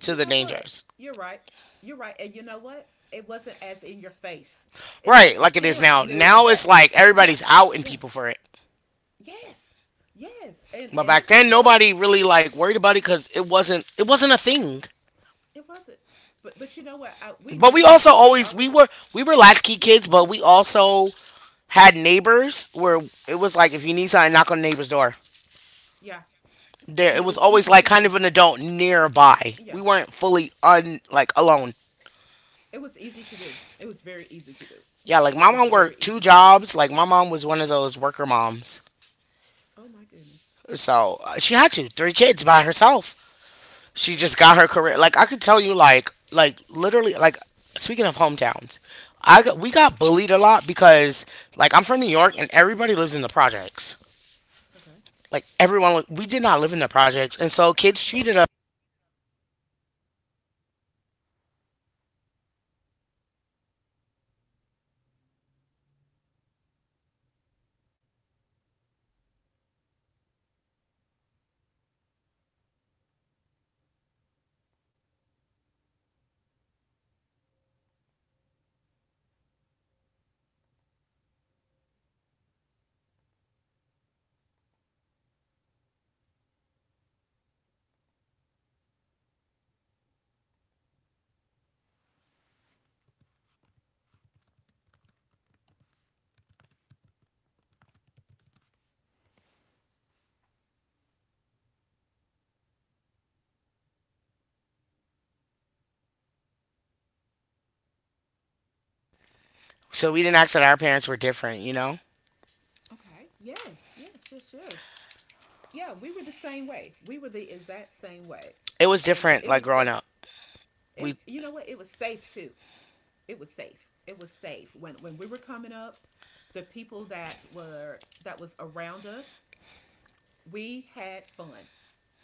Speaker 1: to
Speaker 2: You
Speaker 1: the
Speaker 2: know what?
Speaker 1: dangers.
Speaker 2: You're right. You're right. And you know what? It wasn't as in your face. It's
Speaker 1: Right,
Speaker 2: like your
Speaker 1: like it is
Speaker 2: parents
Speaker 1: now.
Speaker 2: knew of
Speaker 1: Now it's
Speaker 2: that.
Speaker 1: like
Speaker 2: Yeah,
Speaker 1: everybody's out and
Speaker 2: yeah.
Speaker 1: people for it.
Speaker 2: Yes, yes. And
Speaker 1: But
Speaker 2: and
Speaker 1: back
Speaker 2: if it
Speaker 1: then,
Speaker 2: was,
Speaker 1: nobody really like worried about it because it wasn't a thing.
Speaker 2: it wasn't. But you know what? I, we
Speaker 1: But we
Speaker 2: knew
Speaker 1: also
Speaker 2: we
Speaker 1: always
Speaker 2: already.
Speaker 1: we were latchkey
Speaker 2: Yeah,
Speaker 1: kids,
Speaker 2: we
Speaker 1: but
Speaker 2: knew.
Speaker 1: we also had neighbors where it was like if you need something, knock on the neighbor's door.
Speaker 2: Yeah,
Speaker 1: There,
Speaker 2: and
Speaker 1: it
Speaker 2: it
Speaker 1: was
Speaker 2: was
Speaker 1: always
Speaker 2: easy
Speaker 1: like
Speaker 2: to
Speaker 1: kind of
Speaker 2: do.
Speaker 1: an adult nearby. We
Speaker 2: Yeah,
Speaker 1: weren't fully un like alone.
Speaker 2: it was easy to do. It was very easy to do.
Speaker 1: Yeah, like my
Speaker 2: It was
Speaker 1: mom
Speaker 2: very
Speaker 1: worked two
Speaker 2: easy to do.
Speaker 1: jobs. Like my mom was one of those worker moms,
Speaker 2: Oh my goodness.
Speaker 1: so she had to three kids by herself. She
Speaker 2: Yep.
Speaker 1: just got her career. Like I could tell you, like literally, like speaking of hometowns, we got
Speaker 2: Girl.
Speaker 1: bullied a lot because like I'm from New
Speaker 2: Okay.
Speaker 1: York and everybody lives in the projects.
Speaker 2: Okay.
Speaker 1: We did not live in the projects, and so kids treated us. So we didn't act that our parents were different. You know,
Speaker 2: Okay. Yes. Yes. Yes. Yes. Yeah, we were the same way. We were the exact same way,
Speaker 1: it was
Speaker 2: and
Speaker 1: different.
Speaker 2: it
Speaker 1: Like
Speaker 2: was
Speaker 1: growing
Speaker 2: safe.
Speaker 1: up,
Speaker 2: And
Speaker 1: we
Speaker 2: you know what? It was safe too. It was safe. It was safe when we were coming up. The people that were that was around us we had fun.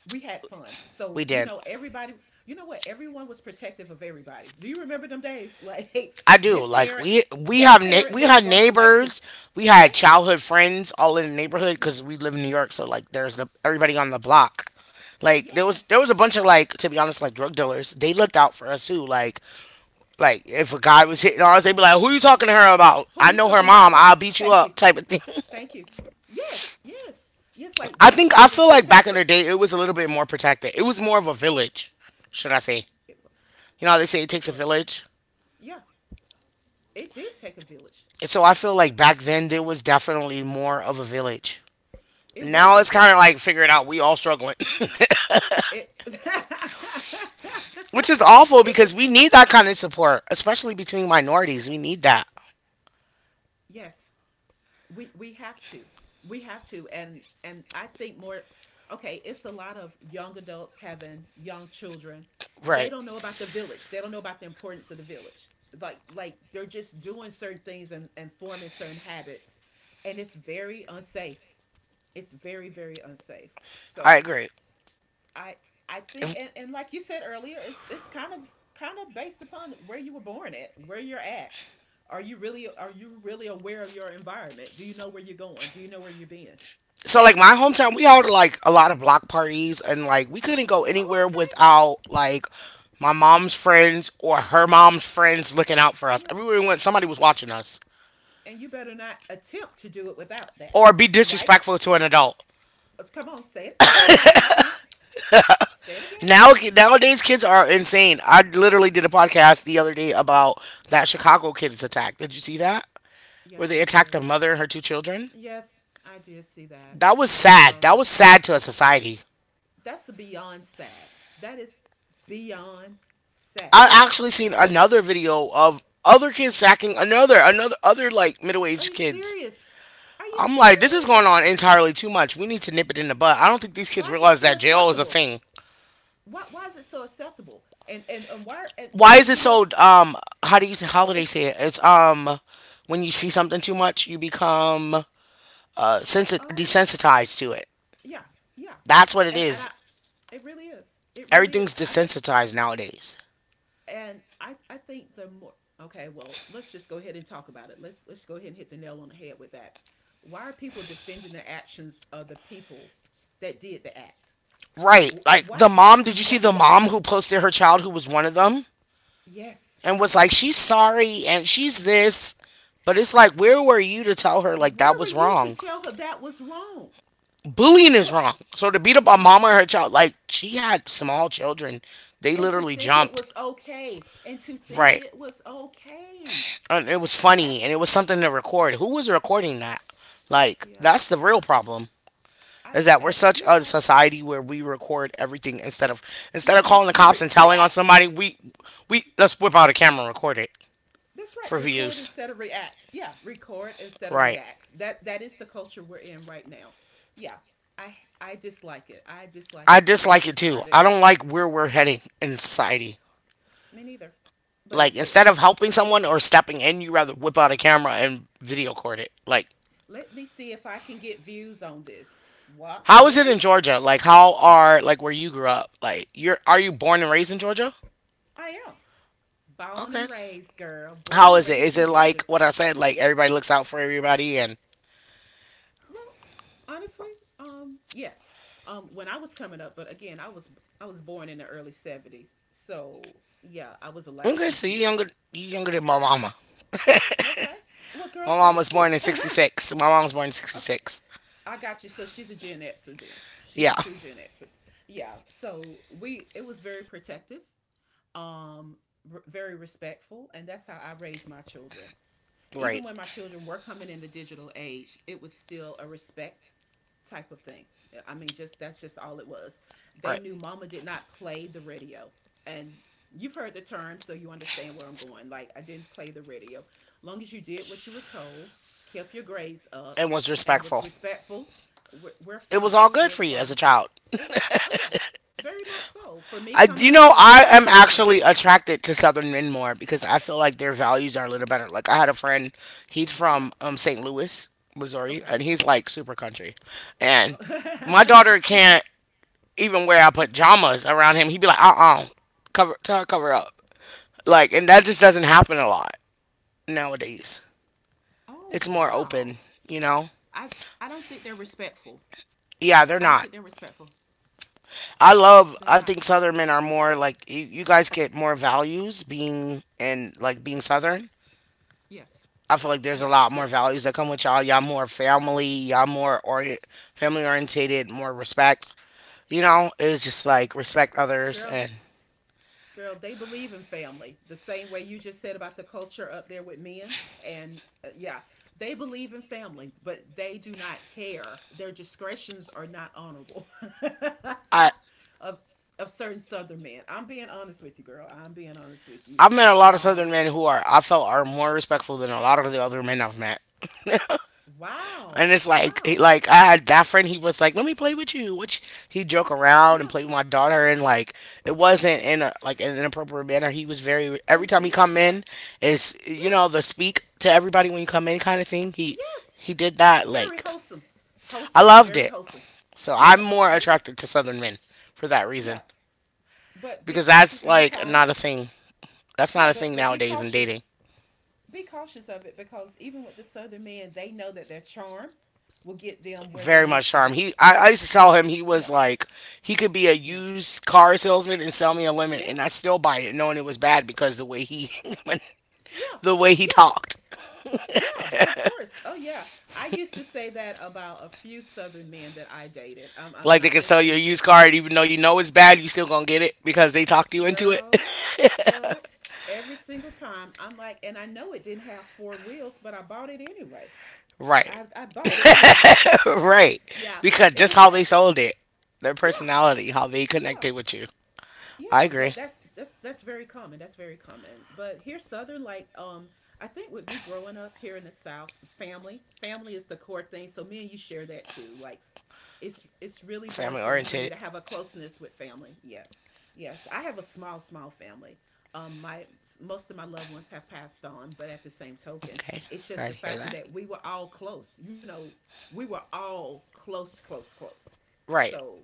Speaker 2: We had fun.
Speaker 1: we
Speaker 2: So, you
Speaker 1: did.
Speaker 2: know, everybody, you know what? Everyone was protective of everybody. Do you remember them days? Like, hey,
Speaker 1: I do.
Speaker 2: this
Speaker 1: Like
Speaker 2: parent, that parent
Speaker 1: we had
Speaker 2: wasn't going to like to,
Speaker 1: neighbors, we had
Speaker 2: yes.
Speaker 1: childhood friends all in the neighborhood
Speaker 2: Yeah.
Speaker 1: because we live in New York. So like, everybody on the block. Like there was
Speaker 2: Yes.
Speaker 1: there was a bunch of like to be honest like drug dealers. They looked out for us too. Like if a guy was hitting on us, they'd be like, "Who you talking to her about?
Speaker 2: Who
Speaker 1: I
Speaker 2: you
Speaker 1: know her
Speaker 2: talking about?
Speaker 1: mom.
Speaker 2: Her.
Speaker 1: I'll beat you
Speaker 2: Thank you.
Speaker 1: up." Type of thing.
Speaker 2: Thank you. Yes. Yes. Yes. Like
Speaker 1: I
Speaker 2: you were
Speaker 1: think I
Speaker 2: really
Speaker 1: feel like back in the
Speaker 2: protected.
Speaker 1: day it was a little bit more protected. It was more of a village, should I say?
Speaker 2: It was.
Speaker 1: You know how they say it
Speaker 2: It
Speaker 1: takes a
Speaker 2: was.
Speaker 1: village.
Speaker 2: Yeah. It did take a village.
Speaker 1: And so I feel like back then there was definitely more of a village.
Speaker 2: It was
Speaker 1: Now
Speaker 2: a
Speaker 1: it's kind of
Speaker 2: village.
Speaker 1: like figuring out we all struggling.
Speaker 2: It.
Speaker 1: Which is awful
Speaker 2: it
Speaker 1: because
Speaker 2: was.
Speaker 1: we need that kind of support, especially between minorities. We need that.
Speaker 2: Yes. We have to we have to and I think more. Okay, it's a lot of young adults having young children. They
Speaker 1: Right.
Speaker 2: don't know about the village. They don't know about the importance of the village, like, they're just doing certain things and, forming certain habits, and it's very unsafe. It's very unsafe.
Speaker 1: I
Speaker 2: So
Speaker 1: agree.
Speaker 2: I I think
Speaker 1: If-
Speaker 2: and, like you said earlier, it's it's kind of based upon where you were born at, where you're at. Are you really aware of your environment? Do you know where you're going? Do you know where you're being?
Speaker 1: So like
Speaker 2: Yes.
Speaker 1: my hometown, we held like a lot of block parties and like we couldn't go
Speaker 2: Oh,
Speaker 1: anywhere
Speaker 2: okay.
Speaker 1: without like my mom's friends or her mom's friends looking out for us.
Speaker 2: Yeah.
Speaker 1: Everywhere we went, somebody was watching us
Speaker 2: And you better not attempt to do it without that.
Speaker 1: or be
Speaker 2: Right?
Speaker 1: disrespectful to an adult.
Speaker 2: Come on, say it. Say it again, friend. Say it again.
Speaker 1: Now nowadays kids are insane. I literally did a podcast the other day about that Chicago kids attack. Did you see that? Where
Speaker 2: Yes, I
Speaker 1: they attacked
Speaker 2: did.
Speaker 1: the mother and her two children.
Speaker 2: Yes, I did see that.
Speaker 1: That was
Speaker 2: I
Speaker 1: sad.
Speaker 2: saw
Speaker 1: That
Speaker 2: that.
Speaker 1: was sad to a society.
Speaker 2: That's beyond sad. That is beyond
Speaker 1: I
Speaker 2: sad.
Speaker 1: actually seen another video of other kids sacking another another other like middle
Speaker 2: Are
Speaker 1: aged
Speaker 2: you
Speaker 1: kids.
Speaker 2: serious? Are you
Speaker 1: I'm like, this is going
Speaker 2: serious?
Speaker 1: on entirely too much. We need to nip it in the bud. I don't think these kids
Speaker 2: Why is it
Speaker 1: realize
Speaker 2: so
Speaker 1: that jail is a
Speaker 2: acceptable?
Speaker 1: thing.
Speaker 2: Why is it so acceptable? And why and,
Speaker 1: Why is it
Speaker 2: you know
Speaker 1: so how do you say how do they
Speaker 2: it's
Speaker 1: say it? It's when you see something too much, you become
Speaker 2: oh
Speaker 1: desensitized to it.
Speaker 2: yeah yeah,
Speaker 1: That's what it
Speaker 2: and I
Speaker 1: is.
Speaker 2: it really is. it really
Speaker 1: Everything's
Speaker 2: is I think
Speaker 1: desensitized nowadays.
Speaker 2: and I I think the more. Okay, well, let's just go ahead and talk about it. Let's go ahead and hit the nail on the head with that. Why are people defending the actions of the people that did the act?
Speaker 1: Right. Like
Speaker 2: What?
Speaker 1: the mom, did you see
Speaker 2: what
Speaker 1: the
Speaker 2: what
Speaker 1: mom who posted her child who was one of them
Speaker 2: Yes.
Speaker 1: and was like, she's sorry and she's this? But it's like, where were you to tell her like that
Speaker 2: Where were
Speaker 1: was
Speaker 2: you to
Speaker 1: wrong?
Speaker 2: tell her that was wrong?
Speaker 1: Bullying is
Speaker 2: What?
Speaker 1: wrong. So to beat up a
Speaker 2: What?
Speaker 1: mama and her child, like she had small children, they
Speaker 2: And to
Speaker 1: literally
Speaker 2: think it
Speaker 1: jumped.
Speaker 2: was okay, and to think
Speaker 1: Right.
Speaker 2: it was okay.
Speaker 1: And it was funny
Speaker 2: That's
Speaker 1: and it was something to record. Who was recording that? Like,
Speaker 2: yeah.
Speaker 1: that's the real problem.
Speaker 2: I,
Speaker 1: Is that we're
Speaker 2: I
Speaker 1: such
Speaker 2: you're
Speaker 1: a
Speaker 2: right.
Speaker 1: society where we record everything instead of
Speaker 2: Yeah,
Speaker 1: calling the cops and telling on
Speaker 2: react.
Speaker 1: somebody we let's whip out a camera and record it
Speaker 2: That's right.
Speaker 1: for
Speaker 2: Record
Speaker 1: views.
Speaker 2: instead of react. Yeah, record instead of
Speaker 1: Right.
Speaker 2: react. That is the culture we're in right now. Yeah. I dislike it. I dislike
Speaker 1: I
Speaker 2: it to its
Speaker 1: dislike it too.
Speaker 2: entirety.
Speaker 1: I don't like where we're heading in society.
Speaker 2: Me neither. But it's
Speaker 1: Like instead
Speaker 2: there.
Speaker 1: of helping someone or stepping in you rather whip out a camera and video record it. Like
Speaker 2: Let me see if I can get views on this. What
Speaker 1: how is it in
Speaker 2: really?
Speaker 1: Georgia? Like how are like where you grew up, like you're are you born and raised in Georgia?
Speaker 2: I am. Born
Speaker 1: Okay.
Speaker 2: and raised, girl. Born
Speaker 1: How
Speaker 2: and
Speaker 1: is it,
Speaker 2: raised
Speaker 1: is
Speaker 2: in
Speaker 1: it like
Speaker 2: Georgia.
Speaker 1: what I said, like everybody looks out for everybody and...
Speaker 2: Well, honestly, yes. When I was coming up, but again, I was born in the early '70s, so yeah, I was a
Speaker 1: Okay,
Speaker 2: latchkey
Speaker 1: so
Speaker 2: kid.
Speaker 1: you younger than my
Speaker 2: Yeah.
Speaker 1: mama.
Speaker 2: Okay. Well, girl,
Speaker 1: My mom was
Speaker 2: thank you.
Speaker 1: born in sixty six. My mom was born in sixty
Speaker 2: okay,
Speaker 1: six.
Speaker 2: I got you. So she's a Gen Xer then. She's a
Speaker 1: Yeah.
Speaker 2: true Gen Xer. Yeah. So we it was very protective, um, very respectful, and that's how I raised my children.
Speaker 1: Right.
Speaker 2: Even when my children were coming in the digital age, it was still a respect type of thing. I mean, just that's just all it was. They
Speaker 1: Right.
Speaker 2: knew mama did not play the radio. And you've heard the term, so you understand where I'm going. Like, I didn't play the radio. Long as you did what you were told, kept your grades up,
Speaker 1: And was
Speaker 2: and was
Speaker 1: respectful.
Speaker 2: respectful, we're
Speaker 1: It was all
Speaker 2: fine.
Speaker 1: good
Speaker 2: We're
Speaker 1: for you as a
Speaker 2: fine.
Speaker 1: child.
Speaker 2: It was, oh, yeah, very much so. For me
Speaker 1: I, you
Speaker 2: coming up,
Speaker 1: know,
Speaker 2: for my
Speaker 1: I am
Speaker 2: children coming up.
Speaker 1: actually attracted to southern men more because I feel like their values are a little better. Like I had a friend, he's
Speaker 2: Yeah.
Speaker 1: from St. Louis, Missouri,
Speaker 2: Okay.
Speaker 1: and he's like super country. And my daughter can't even wear I put pajamas around him. He'd be like, cover tell her cover up. Like and that just doesn't happen a lot nowadays.
Speaker 2: oh,
Speaker 1: It's more
Speaker 2: wow.
Speaker 1: open, you know?
Speaker 2: I don't think they're respectful.
Speaker 1: Yeah, they're
Speaker 2: I don't
Speaker 1: not.
Speaker 2: think they're respectful. They're
Speaker 1: I
Speaker 2: not.
Speaker 1: think southern men are more like you guys get more values being and like being southern.
Speaker 2: Yes.
Speaker 1: I feel like there's a
Speaker 2: Yes.
Speaker 1: lot more
Speaker 2: Yes.
Speaker 1: values that come with y'all. Y'all more family, y'all more or family orientated, more respect. You know, it's just like respect others.
Speaker 2: Girl,
Speaker 1: And
Speaker 2: girl, they believe in family the same way you just said about the culture up there with men. And yeah, they believe in family, but they do not care. Their discretions are not honorable
Speaker 1: I
Speaker 2: of certain Southern men. I'm being honest with you, girl. I'm being honest with you.
Speaker 1: I've met a lot of southern
Speaker 2: Um,
Speaker 1: men who are, I felt, are more respectful than a lot of the other men I've met. And
Speaker 2: wow,
Speaker 1: it's like,
Speaker 2: wow,
Speaker 1: like I had that friend. He was like, "Let me play with you," which he joke around and
Speaker 2: yeah,
Speaker 1: play with my daughter, and like it
Speaker 2: yeah,
Speaker 1: wasn't in a like in an inappropriate manner. He was very, every time he
Speaker 2: yeah,
Speaker 1: come
Speaker 2: yeah,
Speaker 1: in is,
Speaker 2: yes,
Speaker 1: the speak to everybody when you come in kind of thing. He
Speaker 2: yes.
Speaker 1: he did that.
Speaker 2: Very
Speaker 1: Like
Speaker 2: wholesome.
Speaker 1: I loved
Speaker 2: Very
Speaker 1: it.
Speaker 2: wholesome.
Speaker 1: So I'm
Speaker 2: Yes,
Speaker 1: more
Speaker 2: yes.
Speaker 1: attracted to Southern men for that
Speaker 2: Yeah,
Speaker 1: reason
Speaker 2: but be
Speaker 1: because
Speaker 2: cautious
Speaker 1: that's
Speaker 2: and be
Speaker 1: like
Speaker 2: kind.
Speaker 1: not a thing. That's
Speaker 2: Yeah,
Speaker 1: not a
Speaker 2: but
Speaker 1: thing
Speaker 2: be
Speaker 1: nowadays in
Speaker 2: cautious.
Speaker 1: dating.
Speaker 2: Be cautious of it, because even with the southern men, they know that their charm will get them where they
Speaker 1: Very
Speaker 2: need
Speaker 1: much
Speaker 2: to
Speaker 1: charm.
Speaker 2: be.
Speaker 1: I used to tell him he was
Speaker 2: Yeah,
Speaker 1: like, he could be a
Speaker 2: yeah,
Speaker 1: used car salesman and sell me a lemon, and I
Speaker 2: yes,
Speaker 1: still buy it, knowing it was bad because
Speaker 2: yeah,
Speaker 1: the way he
Speaker 2: yeah,
Speaker 1: talked.
Speaker 2: yeah, but of course, oh yeah, I used to say that about a few southern men that I dated. I'm
Speaker 1: Like they
Speaker 2: not
Speaker 1: could sell you a
Speaker 2: misleading you,
Speaker 1: used car, and even though you know it's bad, you still gonna get it because they talked you into it.
Speaker 2: girl. girl every single time I'm like, and I know it didn't have four wheels, but I bought it anyway.
Speaker 1: Right,
Speaker 2: I bought it anyway.
Speaker 1: right.
Speaker 2: Yeah,
Speaker 1: Because
Speaker 2: it
Speaker 1: just
Speaker 2: was
Speaker 1: how they
Speaker 2: sad.
Speaker 1: sold it, their
Speaker 2: Yeah,
Speaker 1: personality, how they
Speaker 2: yeah.
Speaker 1: connected with you. I
Speaker 2: Yeah,
Speaker 1: agree.
Speaker 2: but that's very common. That's very common. But here southern like, I think with me growing up here in the south, family, family is the core thing. So me and you share that too. Like it's really more
Speaker 1: Family
Speaker 2: important for me
Speaker 1: oriented.
Speaker 2: to have a closeness with family. Yes. Yes. I have a small small family. My most of my loved ones have passed on, but at the same token,
Speaker 1: Okay,
Speaker 2: it's just
Speaker 1: sorry
Speaker 2: the
Speaker 1: to hear
Speaker 2: factor
Speaker 1: that.
Speaker 2: that we were all close. You know, we were all close close close.
Speaker 1: Right.
Speaker 2: So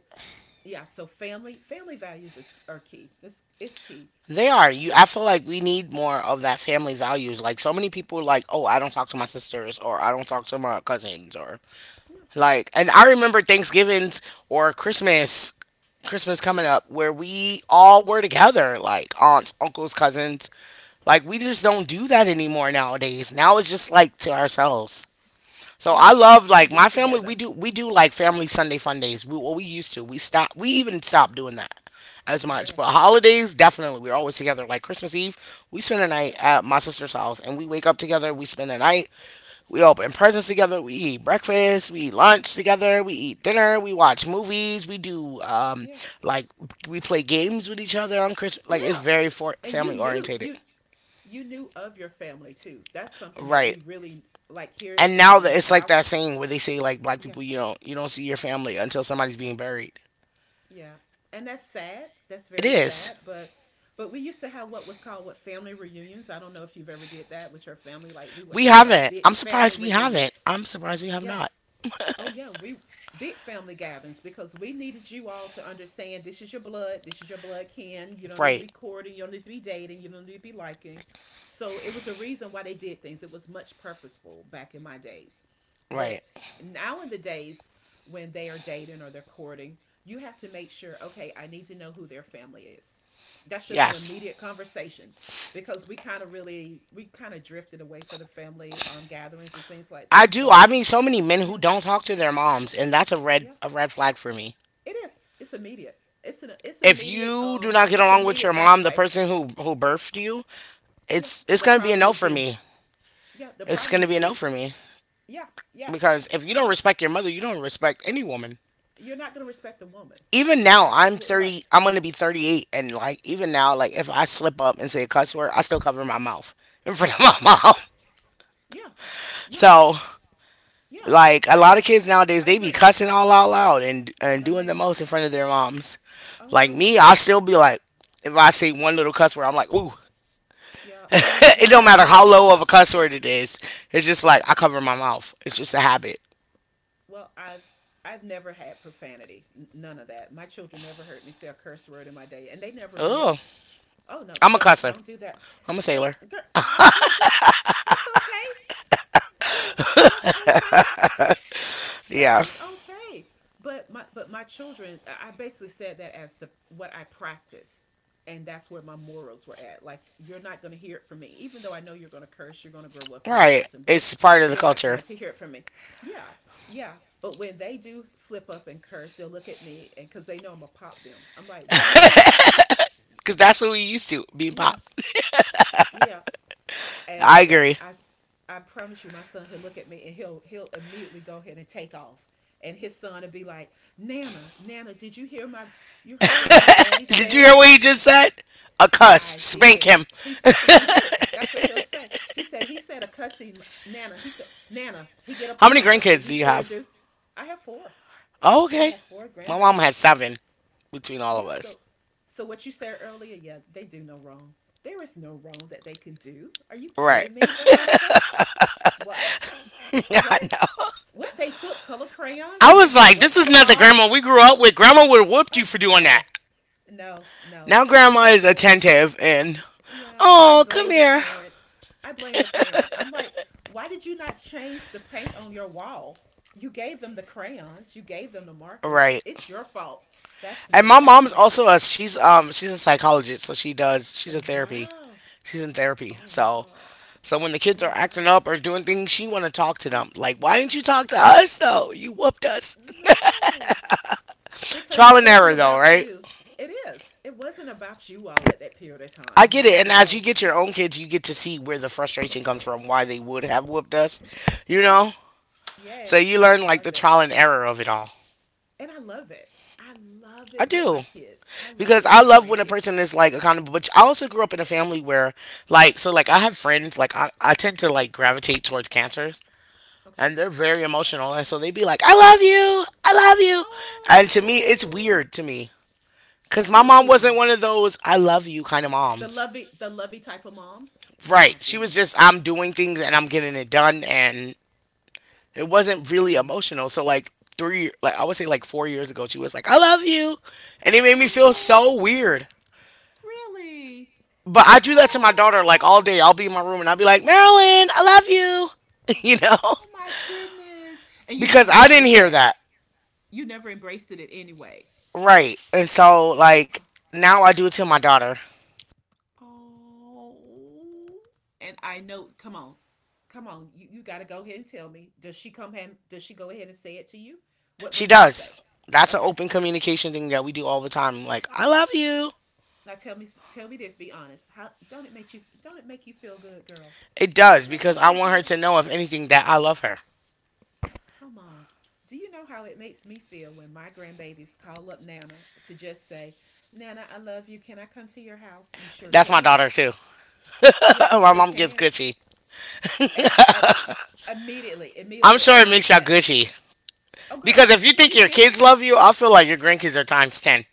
Speaker 2: yeah, so family family values is, are key. It's key.
Speaker 1: They are. You I
Speaker 2: Yeah,
Speaker 1: feel like we need more of that family values. Like so many people are like, "Oh, I don't talk to my sisters or I don't talk to my cousins or
Speaker 2: yeah,
Speaker 1: like." And I remember Thanksgivings or Christmas coming
Speaker 2: yeah,
Speaker 1: up where we all were together, like aunts, uncles, cousins. Like we
Speaker 2: yeah,
Speaker 1: just don't do that anymore nowadays. Now it's just like to ourselves. So
Speaker 2: we
Speaker 1: I love
Speaker 2: had to
Speaker 1: like
Speaker 2: be
Speaker 1: my family. We
Speaker 2: together.
Speaker 1: do we do like family Sunday fun days. We Well, we used to. We stop. We even stopped doing that as much. But
Speaker 2: Yes,
Speaker 1: holidays, definitely, we're always together. Like Christmas Eve, we spend the night
Speaker 2: yes,
Speaker 1: at my sister's house, and we wake up together. We spend the night. We open presents together. We eat breakfast. We eat lunch together. We eat dinner. We watch movies. We do
Speaker 2: yes,
Speaker 1: like we play games with each other on Christmas. Like it's
Speaker 2: yeah,
Speaker 1: very
Speaker 2: and you
Speaker 1: family
Speaker 2: knew
Speaker 1: orientated.
Speaker 2: you knew of your family too. That's something that we
Speaker 1: Right.
Speaker 2: really like here
Speaker 1: And now
Speaker 2: in
Speaker 1: that
Speaker 2: the
Speaker 1: it's like
Speaker 2: south.
Speaker 1: that saying where they say like black
Speaker 2: Yeah,
Speaker 1: people you don't see your family until somebody's being buried.
Speaker 2: yeah, and that's sad. That's
Speaker 1: It
Speaker 2: very
Speaker 1: is.
Speaker 2: sad. But we used to have what was called, what, family reunions. I don't know if you've ever did that with your family. Like we would
Speaker 1: We
Speaker 2: have like
Speaker 1: haven't.
Speaker 2: big
Speaker 1: I'm
Speaker 2: family
Speaker 1: surprised we haven't.
Speaker 2: reunions.
Speaker 1: I'm surprised we have
Speaker 2: Yeah.
Speaker 1: not.
Speaker 2: Oh yeah, we big family gatherings because we needed you all to understand this is your blood, this is your blood kin. You don't need to
Speaker 1: Right.
Speaker 2: be courting, you don't need to be dating, you don't need to be liking. So it was a reason why they did things. It was much purposeful back in my days.
Speaker 1: Right.
Speaker 2: But now in the days when they are dating or they're courting, you have to make sure, okay, I need to know who their family is. That's just an
Speaker 1: Yes.
Speaker 2: immediate conversation because we kind of really we kind of drifted away from the family gatherings and things like
Speaker 1: I
Speaker 2: that.
Speaker 1: do.
Speaker 2: So,
Speaker 1: I mean so many men who
Speaker 2: yeah.
Speaker 1: don't talk to their moms and that's a red
Speaker 2: Yeah,
Speaker 1: a red flag for me.
Speaker 2: it is. It's immediate. It's an it's
Speaker 1: If
Speaker 2: immediate
Speaker 1: you do not get
Speaker 2: it's an
Speaker 1: along with your
Speaker 2: immediate back
Speaker 1: mom, the
Speaker 2: away.
Speaker 1: person who birthed you,
Speaker 2: Yeah.
Speaker 1: it's
Speaker 2: The
Speaker 1: going to be a
Speaker 2: problem
Speaker 1: no
Speaker 2: is
Speaker 1: for
Speaker 2: you.
Speaker 1: me.
Speaker 2: Yeah, the
Speaker 1: It's going
Speaker 2: problem
Speaker 1: to be
Speaker 2: is
Speaker 1: a no
Speaker 2: you.
Speaker 1: for me
Speaker 2: Yeah, yeah,
Speaker 1: because if you don't
Speaker 2: yeah.
Speaker 1: respect your mother, you don't respect any woman.
Speaker 2: You're not gonna respect a woman.
Speaker 1: Even
Speaker 2: You're
Speaker 1: now I'm
Speaker 2: absolutely right.
Speaker 1: 30. I'm going to be 38, and like even now, like if I slip up and say a cuss word, I still cover my mouth in front of
Speaker 2: Wow.
Speaker 1: my mom.
Speaker 2: Yeah. Yeah.
Speaker 1: So,
Speaker 2: Yeah.
Speaker 1: like a
Speaker 2: I
Speaker 1: lot
Speaker 2: I
Speaker 1: of kids nowadays they be
Speaker 2: agree.
Speaker 1: cussing all out loud and
Speaker 2: No
Speaker 1: doing the
Speaker 2: ma'am.
Speaker 1: most in front of their moms.
Speaker 2: Oh
Speaker 1: Like
Speaker 2: no
Speaker 1: me,
Speaker 2: ma'am.
Speaker 1: I still be like, if I see one little cuss word, I'm like, "Ooh."
Speaker 2: Yeah. Yeah,
Speaker 1: It
Speaker 2: you
Speaker 1: don't
Speaker 2: have to
Speaker 1: matter how
Speaker 2: watch
Speaker 1: low of a
Speaker 2: yourself.
Speaker 1: cuss word it is. It's just like
Speaker 2: Yeah.
Speaker 1: I cover my mouth. It's just a habit.
Speaker 2: Well, I've never had profanity. None of that. My children never heard me say a curse word in my day, and they never
Speaker 1: Oh,
Speaker 2: will. Oh no,
Speaker 1: I'm a cusser.
Speaker 2: don't do that.
Speaker 1: I'm a
Speaker 2: Oh,
Speaker 1: sailor.
Speaker 2: girl, go. That's okay, girl. That's okay. That
Speaker 1: Yeah.
Speaker 2: is okay. But my children, I basically said that as the what I practice, and that's where my morals were at. Like you're not going to hear it from me, even though I know you're going to curse, you're going to grow up, you're
Speaker 1: Right.
Speaker 2: adulting, but
Speaker 1: It's part of the
Speaker 2: you're not
Speaker 1: culture.
Speaker 2: going to hear it from me. Yeah, yeah. But when they do slip up and curse, they'll look at me, and because they know I'm gonna pop them, I'm like, what?
Speaker 1: Because that's what we used to being
Speaker 2: Yeah,
Speaker 1: pop.
Speaker 2: yeah. and
Speaker 1: I
Speaker 2: like
Speaker 1: agree.
Speaker 2: I I promise you my son, he'll look at me and he'll immediately go ahead and take off. And his son will be like, Nana, Nana, did you hear my you heard what my daddy
Speaker 1: Did you hear
Speaker 2: said?
Speaker 1: what he just said? A cuss.
Speaker 2: I
Speaker 1: Spank
Speaker 2: did.
Speaker 1: him.
Speaker 2: He did. That's what he'll say. He said a cussing Nana. He said Nana. He get a
Speaker 1: How many
Speaker 2: pop. I said
Speaker 1: grandkids
Speaker 2: he
Speaker 1: do you
Speaker 2: sure
Speaker 1: have?
Speaker 2: do. I have four.
Speaker 1: Oh,
Speaker 2: I
Speaker 1: okay.
Speaker 2: have four
Speaker 1: My mom
Speaker 2: grandbabies.
Speaker 1: had seven between all
Speaker 2: Yeah.
Speaker 1: of us.
Speaker 2: So so what you said earlier. Yeah, they do no wrong. There is no wrong that they can do. Are you
Speaker 1: Right.
Speaker 2: kidding me, Veronica? What?
Speaker 1: I
Speaker 2: What?
Speaker 1: know.
Speaker 2: What? They took color crayons
Speaker 1: I
Speaker 2: and they
Speaker 1: was
Speaker 2: did
Speaker 1: like,
Speaker 2: what
Speaker 1: this
Speaker 2: to
Speaker 1: is
Speaker 2: the
Speaker 1: not the grandma
Speaker 2: wall?
Speaker 1: we grew up with. Grandma would have whooped
Speaker 2: Oh,
Speaker 1: you for doing that.
Speaker 2: no, no,
Speaker 1: Now
Speaker 2: no. It's
Speaker 1: grandma is
Speaker 2: acceptable.
Speaker 1: attentive and
Speaker 2: Yeah. I
Speaker 1: oh, come
Speaker 2: blame the
Speaker 1: here.
Speaker 2: parent. I blame the parent. I'm like, why did you not change the paint on your wall? You gave them the crayons, you gave them the markers.
Speaker 1: Right.
Speaker 2: It's your fault. That's
Speaker 1: And
Speaker 2: me.
Speaker 1: my
Speaker 2: That's
Speaker 1: mom's
Speaker 2: now.
Speaker 1: also a she's a psychologist, so she's a therapy.
Speaker 2: Wow.
Speaker 1: She's in therapy.
Speaker 2: Oh,
Speaker 1: So
Speaker 2: wow.
Speaker 1: So when the kids are
Speaker 2: Oh,
Speaker 1: acting
Speaker 2: wow.
Speaker 1: up or doing things, she want to talk to
Speaker 2: Yeah.
Speaker 1: them. Like, why didn't you talk to us though? You whooped us.
Speaker 2: No. Because
Speaker 1: Trial
Speaker 2: it
Speaker 1: and
Speaker 2: wasn't
Speaker 1: error though,
Speaker 2: about
Speaker 1: right?
Speaker 2: you. It is. It wasn't about you all at that period of
Speaker 1: I
Speaker 2: time.
Speaker 1: get
Speaker 2: No,
Speaker 1: it.
Speaker 2: no,
Speaker 1: And as you
Speaker 2: no.
Speaker 1: get your
Speaker 2: Yeah.
Speaker 1: own kids, you get to see where the frustration comes from, why they would have whooped us, you
Speaker 2: Yes.
Speaker 1: know? So
Speaker 2: Yes.
Speaker 1: you
Speaker 2: I
Speaker 1: learn like the
Speaker 2: love it.
Speaker 1: trial and error of it all.
Speaker 2: And I love it. I love
Speaker 1: I
Speaker 2: it with my
Speaker 1: do.
Speaker 2: kids. I love
Speaker 1: Because
Speaker 2: it
Speaker 1: I
Speaker 2: with my
Speaker 1: love when a
Speaker 2: grandkids.
Speaker 1: person is like accountable, but I also grew up in a family where like so like I have friends, like I tend to like gravitate towards cancers
Speaker 2: Okay.
Speaker 1: and they're very emotional and so they would be like, I love you, I love you, and to me it's
Speaker 2: Oh,
Speaker 1: weird to me. Because my mom wasn't
Speaker 2: really?
Speaker 1: one of those I love you kind of moms.
Speaker 2: The lovey type of moms. Oh
Speaker 1: Right.
Speaker 2: my
Speaker 1: She was
Speaker 2: goodness.
Speaker 1: just, I'm doing things and I'm getting it done. And it
Speaker 2: Oh
Speaker 1: wasn't
Speaker 2: my
Speaker 1: really
Speaker 2: goodness.
Speaker 1: emotional. So, like, I would say like 4 years ago, she was like, I love you. And it made me feel
Speaker 2: Oh,
Speaker 1: so weird.
Speaker 2: really?
Speaker 1: But I do that to my daughter like all day. I'll
Speaker 2: Oh.
Speaker 1: be in my room and I'll be like, Marilyn, I love you. You know?
Speaker 2: Oh my goodness. And you
Speaker 1: Because
Speaker 2: never
Speaker 1: I didn't
Speaker 2: embraced
Speaker 1: hear
Speaker 2: that.
Speaker 1: that.
Speaker 2: You never embraced it in any way.
Speaker 1: Right. And so, like,
Speaker 2: Uh,
Speaker 1: now I do it to my daughter.
Speaker 2: Oh. And I know, come on. Come on. You got to go ahead and tell me. Does she come home? Does she go ahead and say it to you? What
Speaker 1: She
Speaker 2: what does she
Speaker 1: does.
Speaker 2: say?
Speaker 1: That's an
Speaker 2: Okay.
Speaker 1: open communication thing that we do all the time. Like, I love you.
Speaker 2: Now tell me this, be honest. How don't it make you feel good, girl?
Speaker 1: It
Speaker 2: Don't it
Speaker 1: does
Speaker 2: make you
Speaker 1: because I
Speaker 2: feel
Speaker 1: want her
Speaker 2: good?
Speaker 1: to know, if anything, that I love her.
Speaker 2: Come on. Do you know how it makes me feel when my grandbabies call up Nana to just say, Nana, I love you. Can I come to your house? You sure
Speaker 1: That's my
Speaker 2: can.
Speaker 1: daughter too.
Speaker 2: Yeah, you
Speaker 1: My
Speaker 2: sure
Speaker 1: mom gets
Speaker 2: can.
Speaker 1: Gucci.
Speaker 2: And immediately,
Speaker 1: I'm
Speaker 2: immediately,
Speaker 1: sure
Speaker 2: and
Speaker 1: it
Speaker 2: I'm
Speaker 1: makes y'all
Speaker 2: at.
Speaker 1: Gucci
Speaker 2: Oh
Speaker 1: because
Speaker 2: girl,
Speaker 1: if you
Speaker 2: are
Speaker 1: think
Speaker 2: you
Speaker 1: your
Speaker 2: kidding me?
Speaker 1: kids love you, I feel like your grandkids are times 10.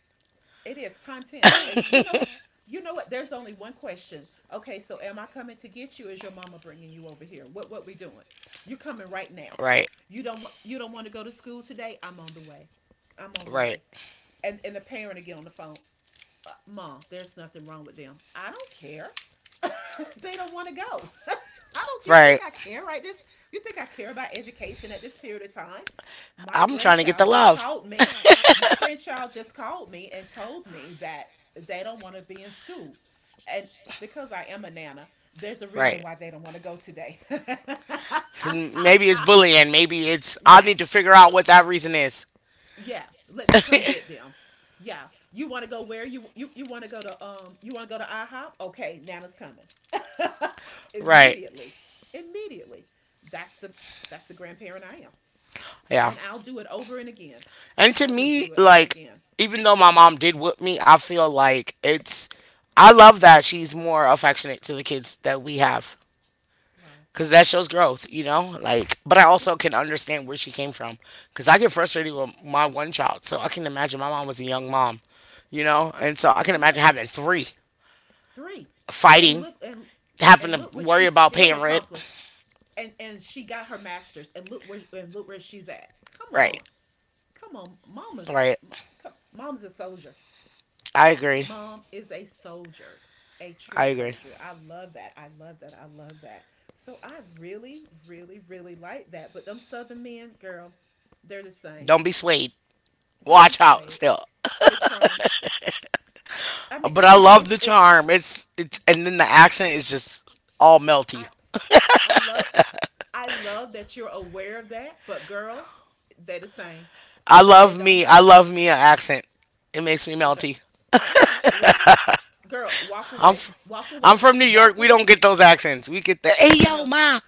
Speaker 2: It is time ten. You know what? There's only one question. Okay, so am I coming to get you? Is your mama bringing you over here? What we doing? You coming right now?
Speaker 1: Right,
Speaker 2: You don't want to go to school today? I'm on the way. I'm on the
Speaker 1: right,
Speaker 2: way. And the parent again on the phone. Mom, there's nothing wrong with them. I don't care. They don't want to go. I don't you think
Speaker 1: right.
Speaker 2: I care, right? this You think I care about education at this period of time? my
Speaker 1: I'm trying to get the
Speaker 2: grandchild just
Speaker 1: love.
Speaker 2: called me my grandchild just called me and told me that they don't want to be in school. And because I am a nana, there's a reason
Speaker 1: Right.
Speaker 2: why they don't want to go today.
Speaker 1: Maybe it's bullying. Maybe it's I need
Speaker 2: Yes.
Speaker 1: to figure
Speaker 2: I,
Speaker 1: out what that reason is.
Speaker 2: yeah, let me come get them. Yeah, you want to go where? You want to go to you want to go to IHOP? Okay, Nana's coming.
Speaker 1: Right.
Speaker 2: Immediately, immediately. That's the that's the grandparent I am,
Speaker 1: Yeah.
Speaker 2: and I'll do it over and again.
Speaker 1: And to
Speaker 2: I will
Speaker 1: me,
Speaker 2: do it over
Speaker 1: like,
Speaker 2: again.
Speaker 1: even though my mom did whip me, I feel like it's. I love that she's more affectionate to the kids that we have
Speaker 2: Wow.
Speaker 1: because that shows growth, you know. Like, but I
Speaker 2: Yeah.
Speaker 1: also can understand where she came from because I get frustrated with my one child, so I can imagine my mom was a young mom, you know, and so I can imagine
Speaker 2: Yes.
Speaker 1: having three
Speaker 2: Three, and
Speaker 1: fighting,
Speaker 2: look
Speaker 1: having
Speaker 2: and look
Speaker 1: to
Speaker 2: what she
Speaker 1: worry about
Speaker 2: still
Speaker 1: paying rent.
Speaker 2: accomplished, and she got her masters, and look where she's at. Come
Speaker 1: Right,
Speaker 2: on, come on,
Speaker 1: right.
Speaker 2: mom's a soldier.
Speaker 1: I agree.
Speaker 2: Mom is a soldier, a
Speaker 1: I
Speaker 2: true
Speaker 1: agree.
Speaker 2: soldier. I love that. I love that. I love that. So I really, really, really like that. But them Southern men, girl, they're the same.
Speaker 1: Don't be swayed.
Speaker 2: Don't be
Speaker 1: Watch out
Speaker 2: swayed.
Speaker 1: still.
Speaker 2: The charm.
Speaker 1: But I
Speaker 2: But
Speaker 1: love
Speaker 2: it's
Speaker 1: the
Speaker 2: it's
Speaker 1: charm. It's and then the accent is just all melty.
Speaker 2: I I love I love that you're aware of that. But girl, they're the same.
Speaker 1: I
Speaker 2: It don't
Speaker 1: love me. I
Speaker 2: matter.
Speaker 1: love me an accent. It makes me
Speaker 2: Oh girl,
Speaker 1: melty.
Speaker 2: what girl? Walk
Speaker 1: I'm
Speaker 2: away.
Speaker 1: fr-
Speaker 2: Walk
Speaker 1: I'm
Speaker 2: away.
Speaker 1: from New York.
Speaker 2: Walk
Speaker 1: We don't
Speaker 2: away.
Speaker 1: get those accents. We get the hey
Speaker 2: I
Speaker 1: yo
Speaker 2: know.
Speaker 1: ma.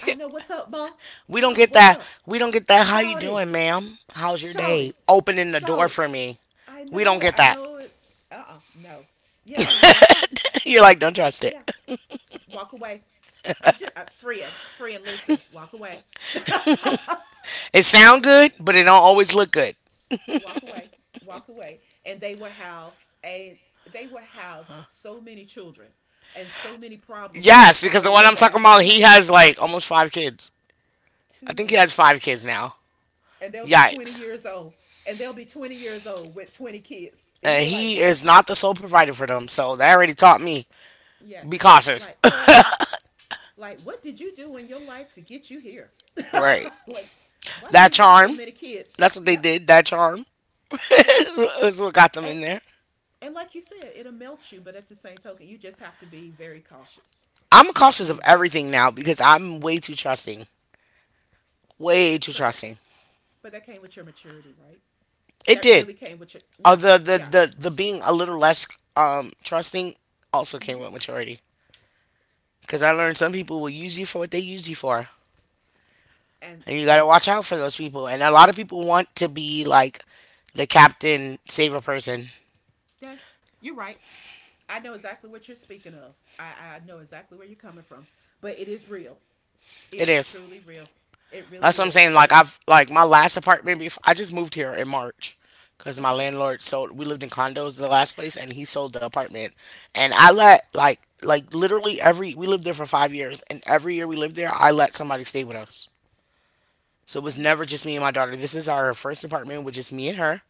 Speaker 2: I know. What's up, mom?
Speaker 1: We don't
Speaker 2: Mom,
Speaker 1: get
Speaker 2: what's
Speaker 1: that.
Speaker 2: up?
Speaker 1: We don't get that. How you
Speaker 2: Shout it.
Speaker 1: doing, ma'am? How's your
Speaker 2: Shout
Speaker 1: day?
Speaker 2: it.
Speaker 1: Opening the
Speaker 2: Shout
Speaker 1: door
Speaker 2: it.
Speaker 1: for me.
Speaker 2: I
Speaker 1: We don't
Speaker 2: know it.
Speaker 1: get
Speaker 2: I
Speaker 1: that.
Speaker 2: know it. No. Yeah. Sh-
Speaker 1: You're like, don't trust
Speaker 2: yeah.
Speaker 1: it.
Speaker 2: Walk away. I'm just, friend, listen. Walk away.
Speaker 1: It
Speaker 2: Walk
Speaker 1: sound
Speaker 2: away.
Speaker 1: good, but it don't always look good.
Speaker 2: Walk away. Walk away. And they will have they will have so many children and so many problems that's
Speaker 1: Yes, because the one
Speaker 2: following
Speaker 1: I'm talking
Speaker 2: that. Oh
Speaker 1: about,
Speaker 2: my
Speaker 1: he
Speaker 2: God.
Speaker 1: has like almost five kids. I
Speaker 2: Too
Speaker 1: think he
Speaker 2: many.
Speaker 1: has five kids now.
Speaker 2: And they'll be 20
Speaker 1: Yikes.
Speaker 2: years old. And they'll be 20 years old with 20 kids. And you'll
Speaker 1: And
Speaker 2: be like,
Speaker 1: he
Speaker 2: what?
Speaker 1: is not the sole provider for them, so that already taught me. Be
Speaker 2: Yes.
Speaker 1: cautious.
Speaker 2: Like, Like, what did you do in your life to get you here?
Speaker 1: Right.
Speaker 2: like, why do
Speaker 1: That
Speaker 2: you have so
Speaker 1: charm.
Speaker 2: many kids?
Speaker 1: That's what they
Speaker 2: Yep,
Speaker 1: did. That charm.
Speaker 2: it does.
Speaker 1: is what got them
Speaker 2: And,
Speaker 1: in there.
Speaker 2: and like you said, it'll melt you, but at the same token, you just have to be very cautious.
Speaker 1: I'm
Speaker 2: You have to
Speaker 1: cautious
Speaker 2: be
Speaker 1: of
Speaker 2: very,
Speaker 1: everything now because I'm way too trusting. Way too
Speaker 2: but that,
Speaker 1: trusting.
Speaker 2: but that came with your maturity, right?
Speaker 1: It
Speaker 2: That
Speaker 1: did.
Speaker 2: really came with your,
Speaker 1: Uh,
Speaker 2: yeah,
Speaker 1: the, the,
Speaker 2: yeah.
Speaker 1: the, the being a little less trusting also came
Speaker 2: Mm-hmm.
Speaker 1: with maturity. Because I
Speaker 2: Okay.
Speaker 1: learned some people will use you for what they use you for.
Speaker 2: And,
Speaker 1: And you got
Speaker 2: and
Speaker 1: to watch out for those people. And a lot of people want to be like the captain saver person.
Speaker 2: that, you're right. I know exactly what you're speaking of. I know exactly where you're coming from, but it is real. It
Speaker 1: It
Speaker 2: is
Speaker 1: is.
Speaker 2: truly real. It
Speaker 1: That's
Speaker 2: really
Speaker 1: what I'm
Speaker 2: is.
Speaker 1: saying.
Speaker 2: And
Speaker 1: Like I've like my last apartment. Before, I just moved here in March because my
Speaker 2: okay,
Speaker 1: landlord sold. We lived in condos the last place, and he sold the apartment. And I let literally every we lived there for 5 years, and every year we lived there, I let somebody stay with us. So it was
Speaker 2: what?
Speaker 1: never just me and my daughter. This is our first apartment with just me and her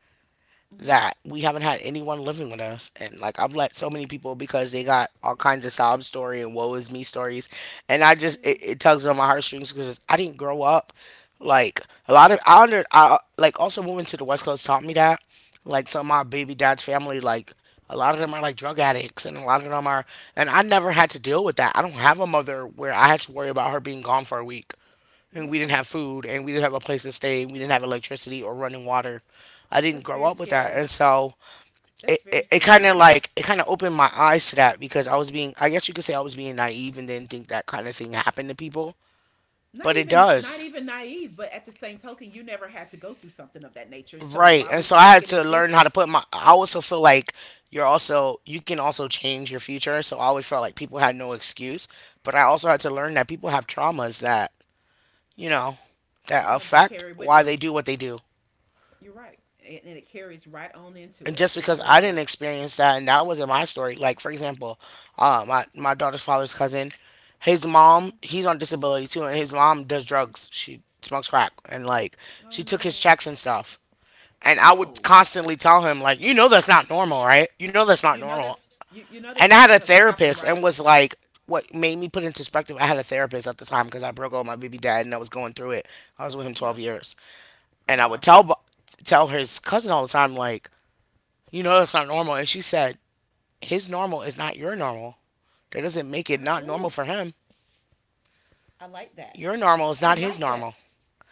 Speaker 2: Mm-hmm.
Speaker 1: that we haven't had anyone living with us, and like I've let so many people because they got all kinds of sob story and woe is me stories, and I just it
Speaker 2: Yes.
Speaker 1: tugs on my heartstrings because I didn't grow up like a lot of I under I like also moving to the West Coast taught me that like some of my baby dad's family, like a lot of them are like drug addicts and a lot of them are, and I never had to deal with that. I don't have a mother where I had to worry about her being gone for a week and we didn't have
Speaker 2: Yes.
Speaker 1: food and we didn't have a place to stay and we didn't have electricity or running water. I didn't
Speaker 2: That's
Speaker 1: grow
Speaker 2: very
Speaker 1: up with that.
Speaker 2: scary.
Speaker 1: And so
Speaker 2: That's
Speaker 1: it,
Speaker 2: very
Speaker 1: it, it kind
Speaker 2: scary.
Speaker 1: of like, it kind of opened my eyes to that because I was being, I guess you could say, I was being naive and didn't think that kind of thing happened to people,
Speaker 2: Not
Speaker 1: but it
Speaker 2: even
Speaker 1: does.
Speaker 2: naive, but at the same token, you never had to go through something of that nature. So
Speaker 1: Right.
Speaker 2: why
Speaker 1: And
Speaker 2: would
Speaker 1: so
Speaker 2: you
Speaker 1: I
Speaker 2: think
Speaker 1: had
Speaker 2: it
Speaker 1: to learn how to
Speaker 2: existed?
Speaker 1: put my, I also feel like you're also, you can also change your future, so I always felt like people had no excuse, but I also had to learn that people have traumas that, you know that
Speaker 2: Yeah, they
Speaker 1: affect
Speaker 2: carry with
Speaker 1: why
Speaker 2: them.
Speaker 1: they do what they do.
Speaker 2: You're right, and it carries right on into
Speaker 1: And
Speaker 2: it.
Speaker 1: just
Speaker 2: It
Speaker 1: because
Speaker 2: really
Speaker 1: I didn't
Speaker 2: does.
Speaker 1: experience that and that wasn't my story. Like for example, my daughter's father's cousin, his mom,
Speaker 2: Hmm.
Speaker 1: he's on disability too, and his mom does drugs. She smokes crack and like
Speaker 2: Oh
Speaker 1: she took his
Speaker 2: no,
Speaker 1: checks and stuff. And I would
Speaker 2: no.
Speaker 1: constantly tell him like, you know that's not normal, right? You know that's not
Speaker 2: You know
Speaker 1: normal.
Speaker 2: that's you know that's
Speaker 1: And I
Speaker 2: not
Speaker 1: had a
Speaker 2: supposed to happen,
Speaker 1: therapist
Speaker 2: right?
Speaker 1: and was like, what made me put into perspective, I had a therapist at the time because I broke up with my baby dad and I was going through it. I was with him
Speaker 2: Yeah.
Speaker 1: 12 years.
Speaker 2: Oh
Speaker 1: And I would
Speaker 2: wow.
Speaker 1: tell his cousin all the time like, you know that's not normal. And she said, his normal is not your normal. That doesn't make it not normal
Speaker 2: Oh,
Speaker 1: for him.
Speaker 2: I like that.
Speaker 1: Your normal is
Speaker 2: I
Speaker 1: not his
Speaker 2: like that.
Speaker 1: normal.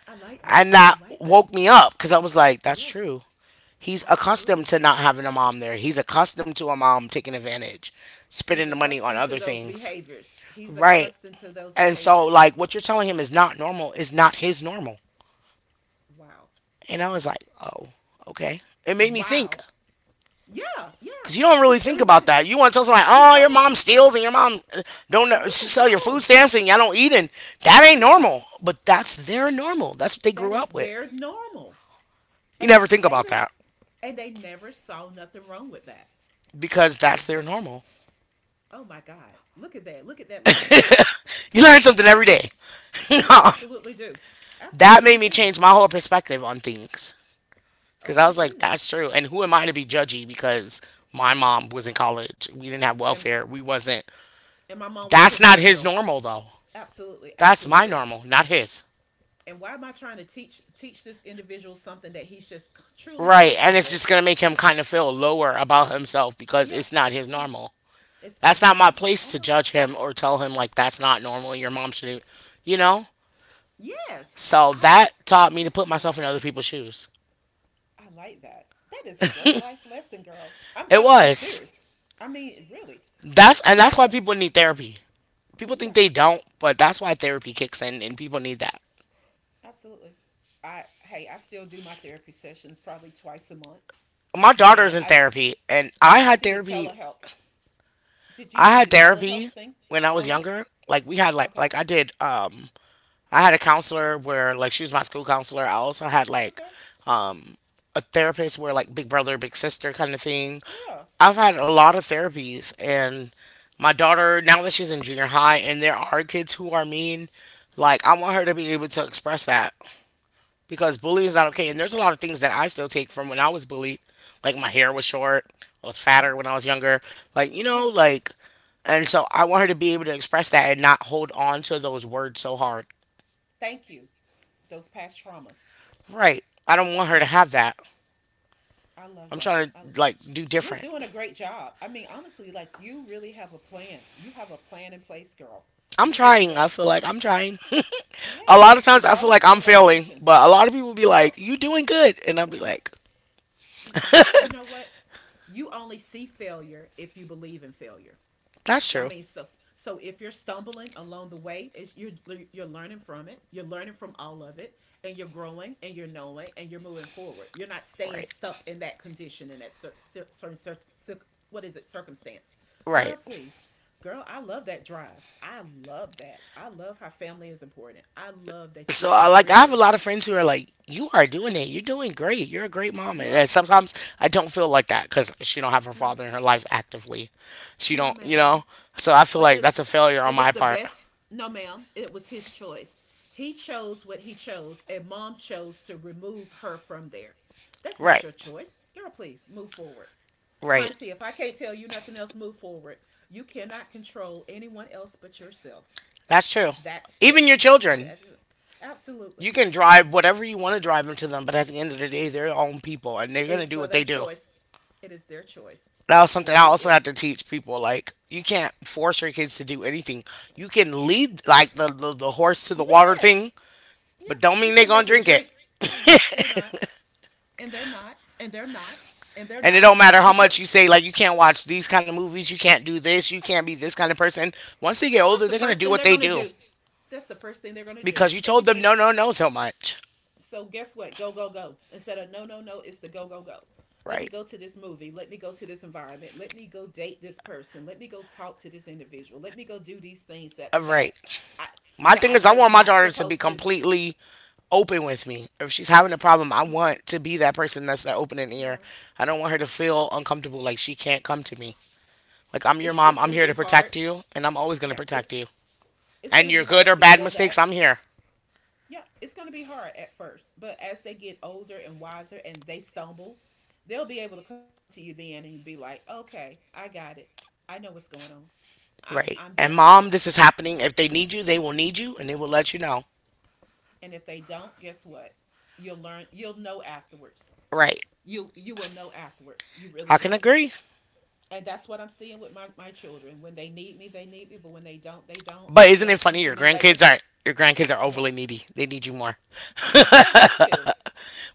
Speaker 2: I like
Speaker 1: And
Speaker 2: that. I
Speaker 1: that
Speaker 2: like that.
Speaker 1: woke me up because I was like, that's
Speaker 2: Yes,
Speaker 1: true. He's accustomed
Speaker 2: absolutely.
Speaker 1: to not having a mom there. He's accustomed to a mom taking advantage, spending
Speaker 2: He's
Speaker 1: the money on
Speaker 2: accustomed to
Speaker 1: other
Speaker 2: those
Speaker 1: things.
Speaker 2: behaviors. He's
Speaker 1: Right.
Speaker 2: accustomed to those
Speaker 1: And so
Speaker 2: behaviors.
Speaker 1: like, what you're telling him is not normal is not his normal.
Speaker 2: Wow.
Speaker 1: And I was like, oh, okay. It made me think.
Speaker 2: Wow. Yeah, yeah.
Speaker 1: Cause you don't
Speaker 2: Cause
Speaker 1: really think about
Speaker 2: everybody
Speaker 1: that. You want to tell somebody,
Speaker 2: you
Speaker 1: "Oh, your
Speaker 2: don't.
Speaker 1: mom steals and your mom don't
Speaker 2: Yeah,
Speaker 1: sell your food
Speaker 2: no.
Speaker 1: stamps and y'all don't eat," and that ain't
Speaker 2: Yeah.
Speaker 1: normal. But that's their normal. That's what they
Speaker 2: That
Speaker 1: grew
Speaker 2: is
Speaker 1: up with.
Speaker 2: their normal.
Speaker 1: You never
Speaker 2: And
Speaker 1: think
Speaker 2: they
Speaker 1: about
Speaker 2: don't
Speaker 1: that
Speaker 2: and they never saw nothing wrong with that.
Speaker 1: because that's their
Speaker 2: What
Speaker 1: normal.
Speaker 2: oh my God. Look at that. Look at that light bulb.
Speaker 1: You learn something every day.
Speaker 2: You
Speaker 1: That
Speaker 2: absolutely do.
Speaker 1: made
Speaker 2: Absolutely
Speaker 1: me
Speaker 2: do.
Speaker 1: change my whole perspective on things. Cause
Speaker 2: Oh
Speaker 1: I
Speaker 2: my
Speaker 1: was like,
Speaker 2: goodness.
Speaker 1: "That's true." And who am I to be judgy because my mom was in college? We didn't have
Speaker 2: And
Speaker 1: welfare. We wasn't.
Speaker 2: my mom was
Speaker 1: That's not his
Speaker 2: provisional.
Speaker 1: normal though.
Speaker 2: Absolutely,
Speaker 1: That's my
Speaker 2: absolutely.
Speaker 1: normal, not his.
Speaker 2: And why am I trying to teach this individual something that he's just truly
Speaker 1: Right, and
Speaker 2: comfortable
Speaker 1: it's
Speaker 2: with?
Speaker 1: just gonna make him kind of feel lower about himself because
Speaker 2: Yeah,
Speaker 1: it's not his
Speaker 2: yeah,
Speaker 1: normal.
Speaker 2: it's
Speaker 1: That's
Speaker 2: not
Speaker 1: not
Speaker 2: his
Speaker 1: my
Speaker 2: normal.
Speaker 1: place
Speaker 2: Oh
Speaker 1: to
Speaker 2: my god.
Speaker 1: judge him or tell him like that's not normal. Your mom should, you know.
Speaker 2: Yes,
Speaker 1: So
Speaker 2: I
Speaker 1: that taught me to put
Speaker 2: like
Speaker 1: myself
Speaker 2: that.
Speaker 1: in other people's shoes.
Speaker 2: I like that. That is a great life lesson, girl.
Speaker 1: It
Speaker 2: I'm
Speaker 1: was,
Speaker 2: serious. I mean, really.
Speaker 1: that's,
Speaker 2: But
Speaker 1: and
Speaker 2: but you
Speaker 1: that's
Speaker 2: know
Speaker 1: why
Speaker 2: what?
Speaker 1: people need therapy. People think
Speaker 2: Yeah,
Speaker 1: they don't, but that's why therapy kicks in, and people need that.
Speaker 2: absolutely. I hey, I still do my therapy sessions probably 2 times a month,
Speaker 1: My daughter's
Speaker 2: and
Speaker 1: in therapy, and I
Speaker 2: I
Speaker 1: had
Speaker 2: do the
Speaker 1: therapy.
Speaker 2: telehealth. Did you
Speaker 1: I
Speaker 2: do
Speaker 1: had
Speaker 2: the telehealth
Speaker 1: therapy
Speaker 2: thing?
Speaker 1: when I
Speaker 2: Uh
Speaker 1: was
Speaker 2: huh.
Speaker 1: younger, like we had like
Speaker 2: Okay.
Speaker 1: I did I had a counselor where like she was my school counselor. I also had like
Speaker 2: Okay.
Speaker 1: um, a therapist where like big brother, big sister kind of thing.
Speaker 2: Yeah.
Speaker 1: I've had a lot of therapies, and my daughter, now that she's in junior high and there are kids who are mean, like I want her to be able to express that because bullying
Speaker 2: Oh
Speaker 1: is
Speaker 2: my
Speaker 1: not okay. And
Speaker 2: goodness.
Speaker 1: there's a lot of things that I still take from when I was bullied. Like my hair was short, I was
Speaker 2: Yeah.
Speaker 1: fatter when I was younger. Like, you know,
Speaker 2: Yeah.
Speaker 1: like, and so I want her to be able to express that and not hold on to those words so hard.
Speaker 2: Thank you. Those past traumas.
Speaker 1: Right. I don't want her to
Speaker 2: Yeah.
Speaker 1: have that.
Speaker 2: I love
Speaker 1: I'm
Speaker 2: that.
Speaker 1: trying to like do
Speaker 2: You're
Speaker 1: different.
Speaker 2: doing a great job. I mean, honestly, like you really have a plan. You have a plan in place, girl.
Speaker 1: I'm
Speaker 2: You really
Speaker 1: trying. I
Speaker 2: do.
Speaker 1: feel like I'm trying. A
Speaker 2: Yeah.
Speaker 1: lot of times I feel
Speaker 2: Regardless
Speaker 1: like
Speaker 2: to the
Speaker 1: I'm failing,
Speaker 2: location.
Speaker 1: but a lot of people be
Speaker 2: No.
Speaker 1: like, "You doing good," and I'll be
Speaker 2: What?
Speaker 1: like,
Speaker 2: You know what? You only see failure if you believe in failure.
Speaker 1: "That's
Speaker 2: I
Speaker 1: true."
Speaker 2: mean, so if you're stumbling along the way, it's you're learning from it. You're learning from all of it, and you're growing, and you're knowing, and you're moving forward. You're not staying
Speaker 1: Right.
Speaker 2: stuck in that condition in that certain what is it circumstance.
Speaker 1: Right.
Speaker 2: Girl, please, girl, I love that drive. I love that. I love how family is important. I love that you
Speaker 1: So
Speaker 2: are
Speaker 1: I like, I have a
Speaker 2: driven.
Speaker 1: lot of friends who are like, "You are doing it. You're doing great. You're a great mom."
Speaker 2: You
Speaker 1: And,
Speaker 2: are
Speaker 1: and sometimes I don't feel like that because she don't have her
Speaker 2: no,
Speaker 1: father in her life actively. She
Speaker 2: no,
Speaker 1: don't, you
Speaker 2: ma'am.
Speaker 1: know. So I feel
Speaker 2: But
Speaker 1: like
Speaker 2: it's
Speaker 1: that's a failure
Speaker 2: it
Speaker 1: on
Speaker 2: was
Speaker 1: my
Speaker 2: the
Speaker 1: part.
Speaker 2: best. No, ma'am, it was his choice. He chose what he chose, and mom chose to remove her from there. That's not
Speaker 1: Right.
Speaker 2: your choice. Girl, please move forward.
Speaker 1: Right.
Speaker 2: Hunty, if I can't tell you nothing else, move forward. You cannot control anyone else but yourself.
Speaker 1: That's true.
Speaker 2: That's
Speaker 1: Even
Speaker 2: it.
Speaker 1: your children.
Speaker 2: That's it. Absolutely
Speaker 1: You can drive whatever you want to drive into them, but at the end of the day, they're their own people and they're going to
Speaker 2: is
Speaker 1: do
Speaker 2: but
Speaker 1: what
Speaker 2: their
Speaker 1: they do.
Speaker 2: choice. It is their choice.
Speaker 1: That
Speaker 2: It
Speaker 1: was something I
Speaker 2: surely
Speaker 1: also had
Speaker 2: is.
Speaker 1: to teach people. Like, you can't force your kids to do anything. You can lead, like, the horse to the water
Speaker 2: Yes.
Speaker 1: thing,
Speaker 2: Yeah.
Speaker 1: but don't
Speaker 2: You
Speaker 1: mean they're
Speaker 2: can't
Speaker 1: going to
Speaker 2: make it
Speaker 1: drink it.
Speaker 2: drink. They're not. And they're
Speaker 1: And it
Speaker 2: not,
Speaker 1: don't matter how much
Speaker 2: because
Speaker 1: you say, like, you can't watch these kind of movies, you can't do this, you can't be this kind of person. Once they get
Speaker 2: that's
Speaker 1: older,
Speaker 2: the
Speaker 1: they're going to
Speaker 2: first
Speaker 1: do
Speaker 2: thing
Speaker 1: what
Speaker 2: they're
Speaker 1: they
Speaker 2: going to
Speaker 1: do
Speaker 2: do. That's the first thing they're going to do.
Speaker 1: because you told them
Speaker 2: Everything.
Speaker 1: no, no, no so much.
Speaker 2: So guess what? Go, go, go. Instead of no, no, no, it's the go, go, go. Let me
Speaker 1: Right.
Speaker 2: go to this movie. Let me go to this environment. Let me go date this person. Let me go talk to this individual. Let me go do these things
Speaker 1: All right.
Speaker 2: I
Speaker 1: My
Speaker 2: that
Speaker 1: thing
Speaker 2: I
Speaker 1: is, I
Speaker 2: was
Speaker 1: want my
Speaker 2: not
Speaker 1: daughter to be
Speaker 2: supposed to.
Speaker 1: completely open with me. If she's having a problem,
Speaker 2: Me
Speaker 1: I
Speaker 2: too.
Speaker 1: want to be that person that's that open and ear.
Speaker 2: Yeah.
Speaker 1: I don't want her to feel uncomfortable, like she can't come to me. Like, I'm your
Speaker 2: It's
Speaker 1: mom,
Speaker 2: it's
Speaker 1: I'm
Speaker 2: going to
Speaker 1: here
Speaker 2: be
Speaker 1: to
Speaker 2: hard.
Speaker 1: protect you, and I'm always going to
Speaker 2: Yeah,
Speaker 1: protect
Speaker 2: it's
Speaker 1: you.
Speaker 2: it's going
Speaker 1: And
Speaker 2: to
Speaker 1: your
Speaker 2: be
Speaker 1: good
Speaker 2: hard
Speaker 1: or
Speaker 2: to
Speaker 1: bad
Speaker 2: build
Speaker 1: mistakes,
Speaker 2: that.
Speaker 1: I'm here.
Speaker 2: Yeah, it's going to be hard at first, but as they get older and wiser and they stumble, they'll be able to come to you then and you'll be like, "Okay, I got it. I know what's going on.
Speaker 1: Right.
Speaker 2: I'm
Speaker 1: And
Speaker 2: there for
Speaker 1: mom,
Speaker 2: it."
Speaker 1: this is happening. If they need you, they will need you and they will let you know.
Speaker 2: And if they don't, guess what? You'll learn. You'll know afterwards.
Speaker 1: Right.
Speaker 2: You will know afterwards. You really
Speaker 1: I can
Speaker 2: will.
Speaker 1: agree.
Speaker 2: And that's what I'm seeing with my children. When they need me, but when they don't, they don't.
Speaker 1: But
Speaker 2: But
Speaker 1: isn't
Speaker 2: they'll
Speaker 1: it
Speaker 2: come
Speaker 1: funny?
Speaker 2: to
Speaker 1: Your
Speaker 2: me later.
Speaker 1: grandkids are, your grandkids are
Speaker 2: Yes,
Speaker 1: overly needy. They need you more.
Speaker 2: they have to.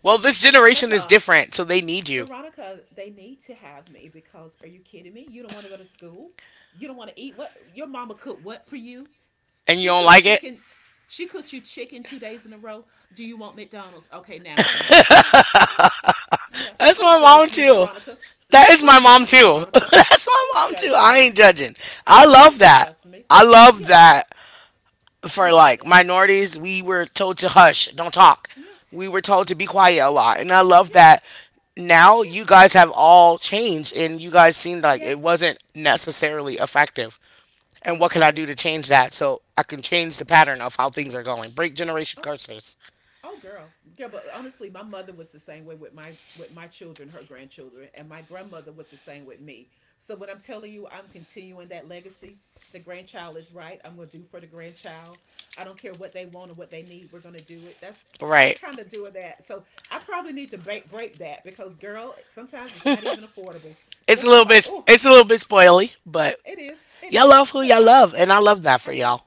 Speaker 1: Well, this generation is
Speaker 2: Veronica,
Speaker 1: different, so they need you.
Speaker 2: Veronica, they need to have me because are you kidding me? You don't want to go to school? You don't want to eat what? Your mama cooked what for you?
Speaker 1: And you
Speaker 2: She
Speaker 1: don't
Speaker 2: cooked
Speaker 1: like it?
Speaker 2: chicken. She cooked you chicken 2 days in a row. Do you want McDonald's? Okay, Nana's on the way. Yeah.
Speaker 1: That's
Speaker 2: Don't
Speaker 1: my mom
Speaker 2: judge me,
Speaker 1: too.
Speaker 2: Veronica.
Speaker 1: That is my
Speaker 2: Don't
Speaker 1: mom
Speaker 2: judge me,
Speaker 1: too.
Speaker 2: Veronica.
Speaker 1: That's my
Speaker 2: Don't
Speaker 1: mom too.
Speaker 2: judge
Speaker 1: I
Speaker 2: me.
Speaker 1: ain't judging. I love
Speaker 2: Don't you
Speaker 1: that.
Speaker 2: judge me.
Speaker 1: I love
Speaker 2: Yes,
Speaker 1: that
Speaker 2: I'm
Speaker 1: for
Speaker 2: doing
Speaker 1: like
Speaker 2: it.
Speaker 1: minorities, we were told to hush, don't talk.
Speaker 2: Yeah,
Speaker 1: We were told to be quiet a lot. And I love
Speaker 2: yeah,
Speaker 1: that now
Speaker 2: yeah.
Speaker 1: you guys have all changed and you guys seemed like it
Speaker 2: Yes.
Speaker 1: wasn't necessarily effective.
Speaker 2: Oh
Speaker 1: And
Speaker 2: my
Speaker 1: what can I do
Speaker 2: goodness.
Speaker 1: to change that so I can change the pattern of how things are going? Break generation
Speaker 2: Oh,
Speaker 1: curses.
Speaker 2: Oh girl, girl. But honestly, my mother was the same way with my children, her grandchildren, and my grandmother was the same with me. So when I'm telling you, I'm continuing that legacy. The grandchild is right. I'm gonna do for the grandchild. I don't care what they want or what they need. We're gonna do it. That's I'm
Speaker 1: Right.
Speaker 2: kind of doing that. So I probably need to break that because girl, sometimes it's not even affordable.
Speaker 1: It's
Speaker 2: So
Speaker 1: a
Speaker 2: I'm
Speaker 1: little
Speaker 2: like,
Speaker 1: bit,
Speaker 2: oh,
Speaker 1: it's a little bit spoily, but
Speaker 2: it is, it
Speaker 1: y'all
Speaker 2: is.
Speaker 1: love who
Speaker 2: But
Speaker 1: y'all love, and I love that
Speaker 2: I
Speaker 1: for
Speaker 2: love
Speaker 1: y'all.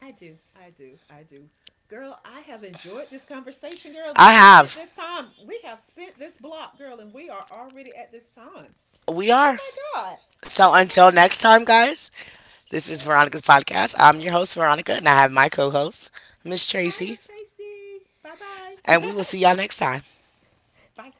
Speaker 2: I do. I do. I do. Girl, I have enjoyed this conversation, girl. We
Speaker 1: I
Speaker 2: done spent
Speaker 1: have.
Speaker 2: this time. We have spent this block, girl, and we are already at this time.
Speaker 1: We
Speaker 2: Oh
Speaker 1: are.
Speaker 2: my God. Oh
Speaker 1: So
Speaker 2: my
Speaker 1: until
Speaker 2: God.
Speaker 1: next time, guys, this is Veronica's
Speaker 2: Yes.
Speaker 1: podcast. I'm your host, Veronica, and I have my co host, Miss
Speaker 2: Hi, I'm
Speaker 1: Tracy,
Speaker 2: Tracy. Bye-bye.
Speaker 1: and we will see y'all next time.
Speaker 2: Bye.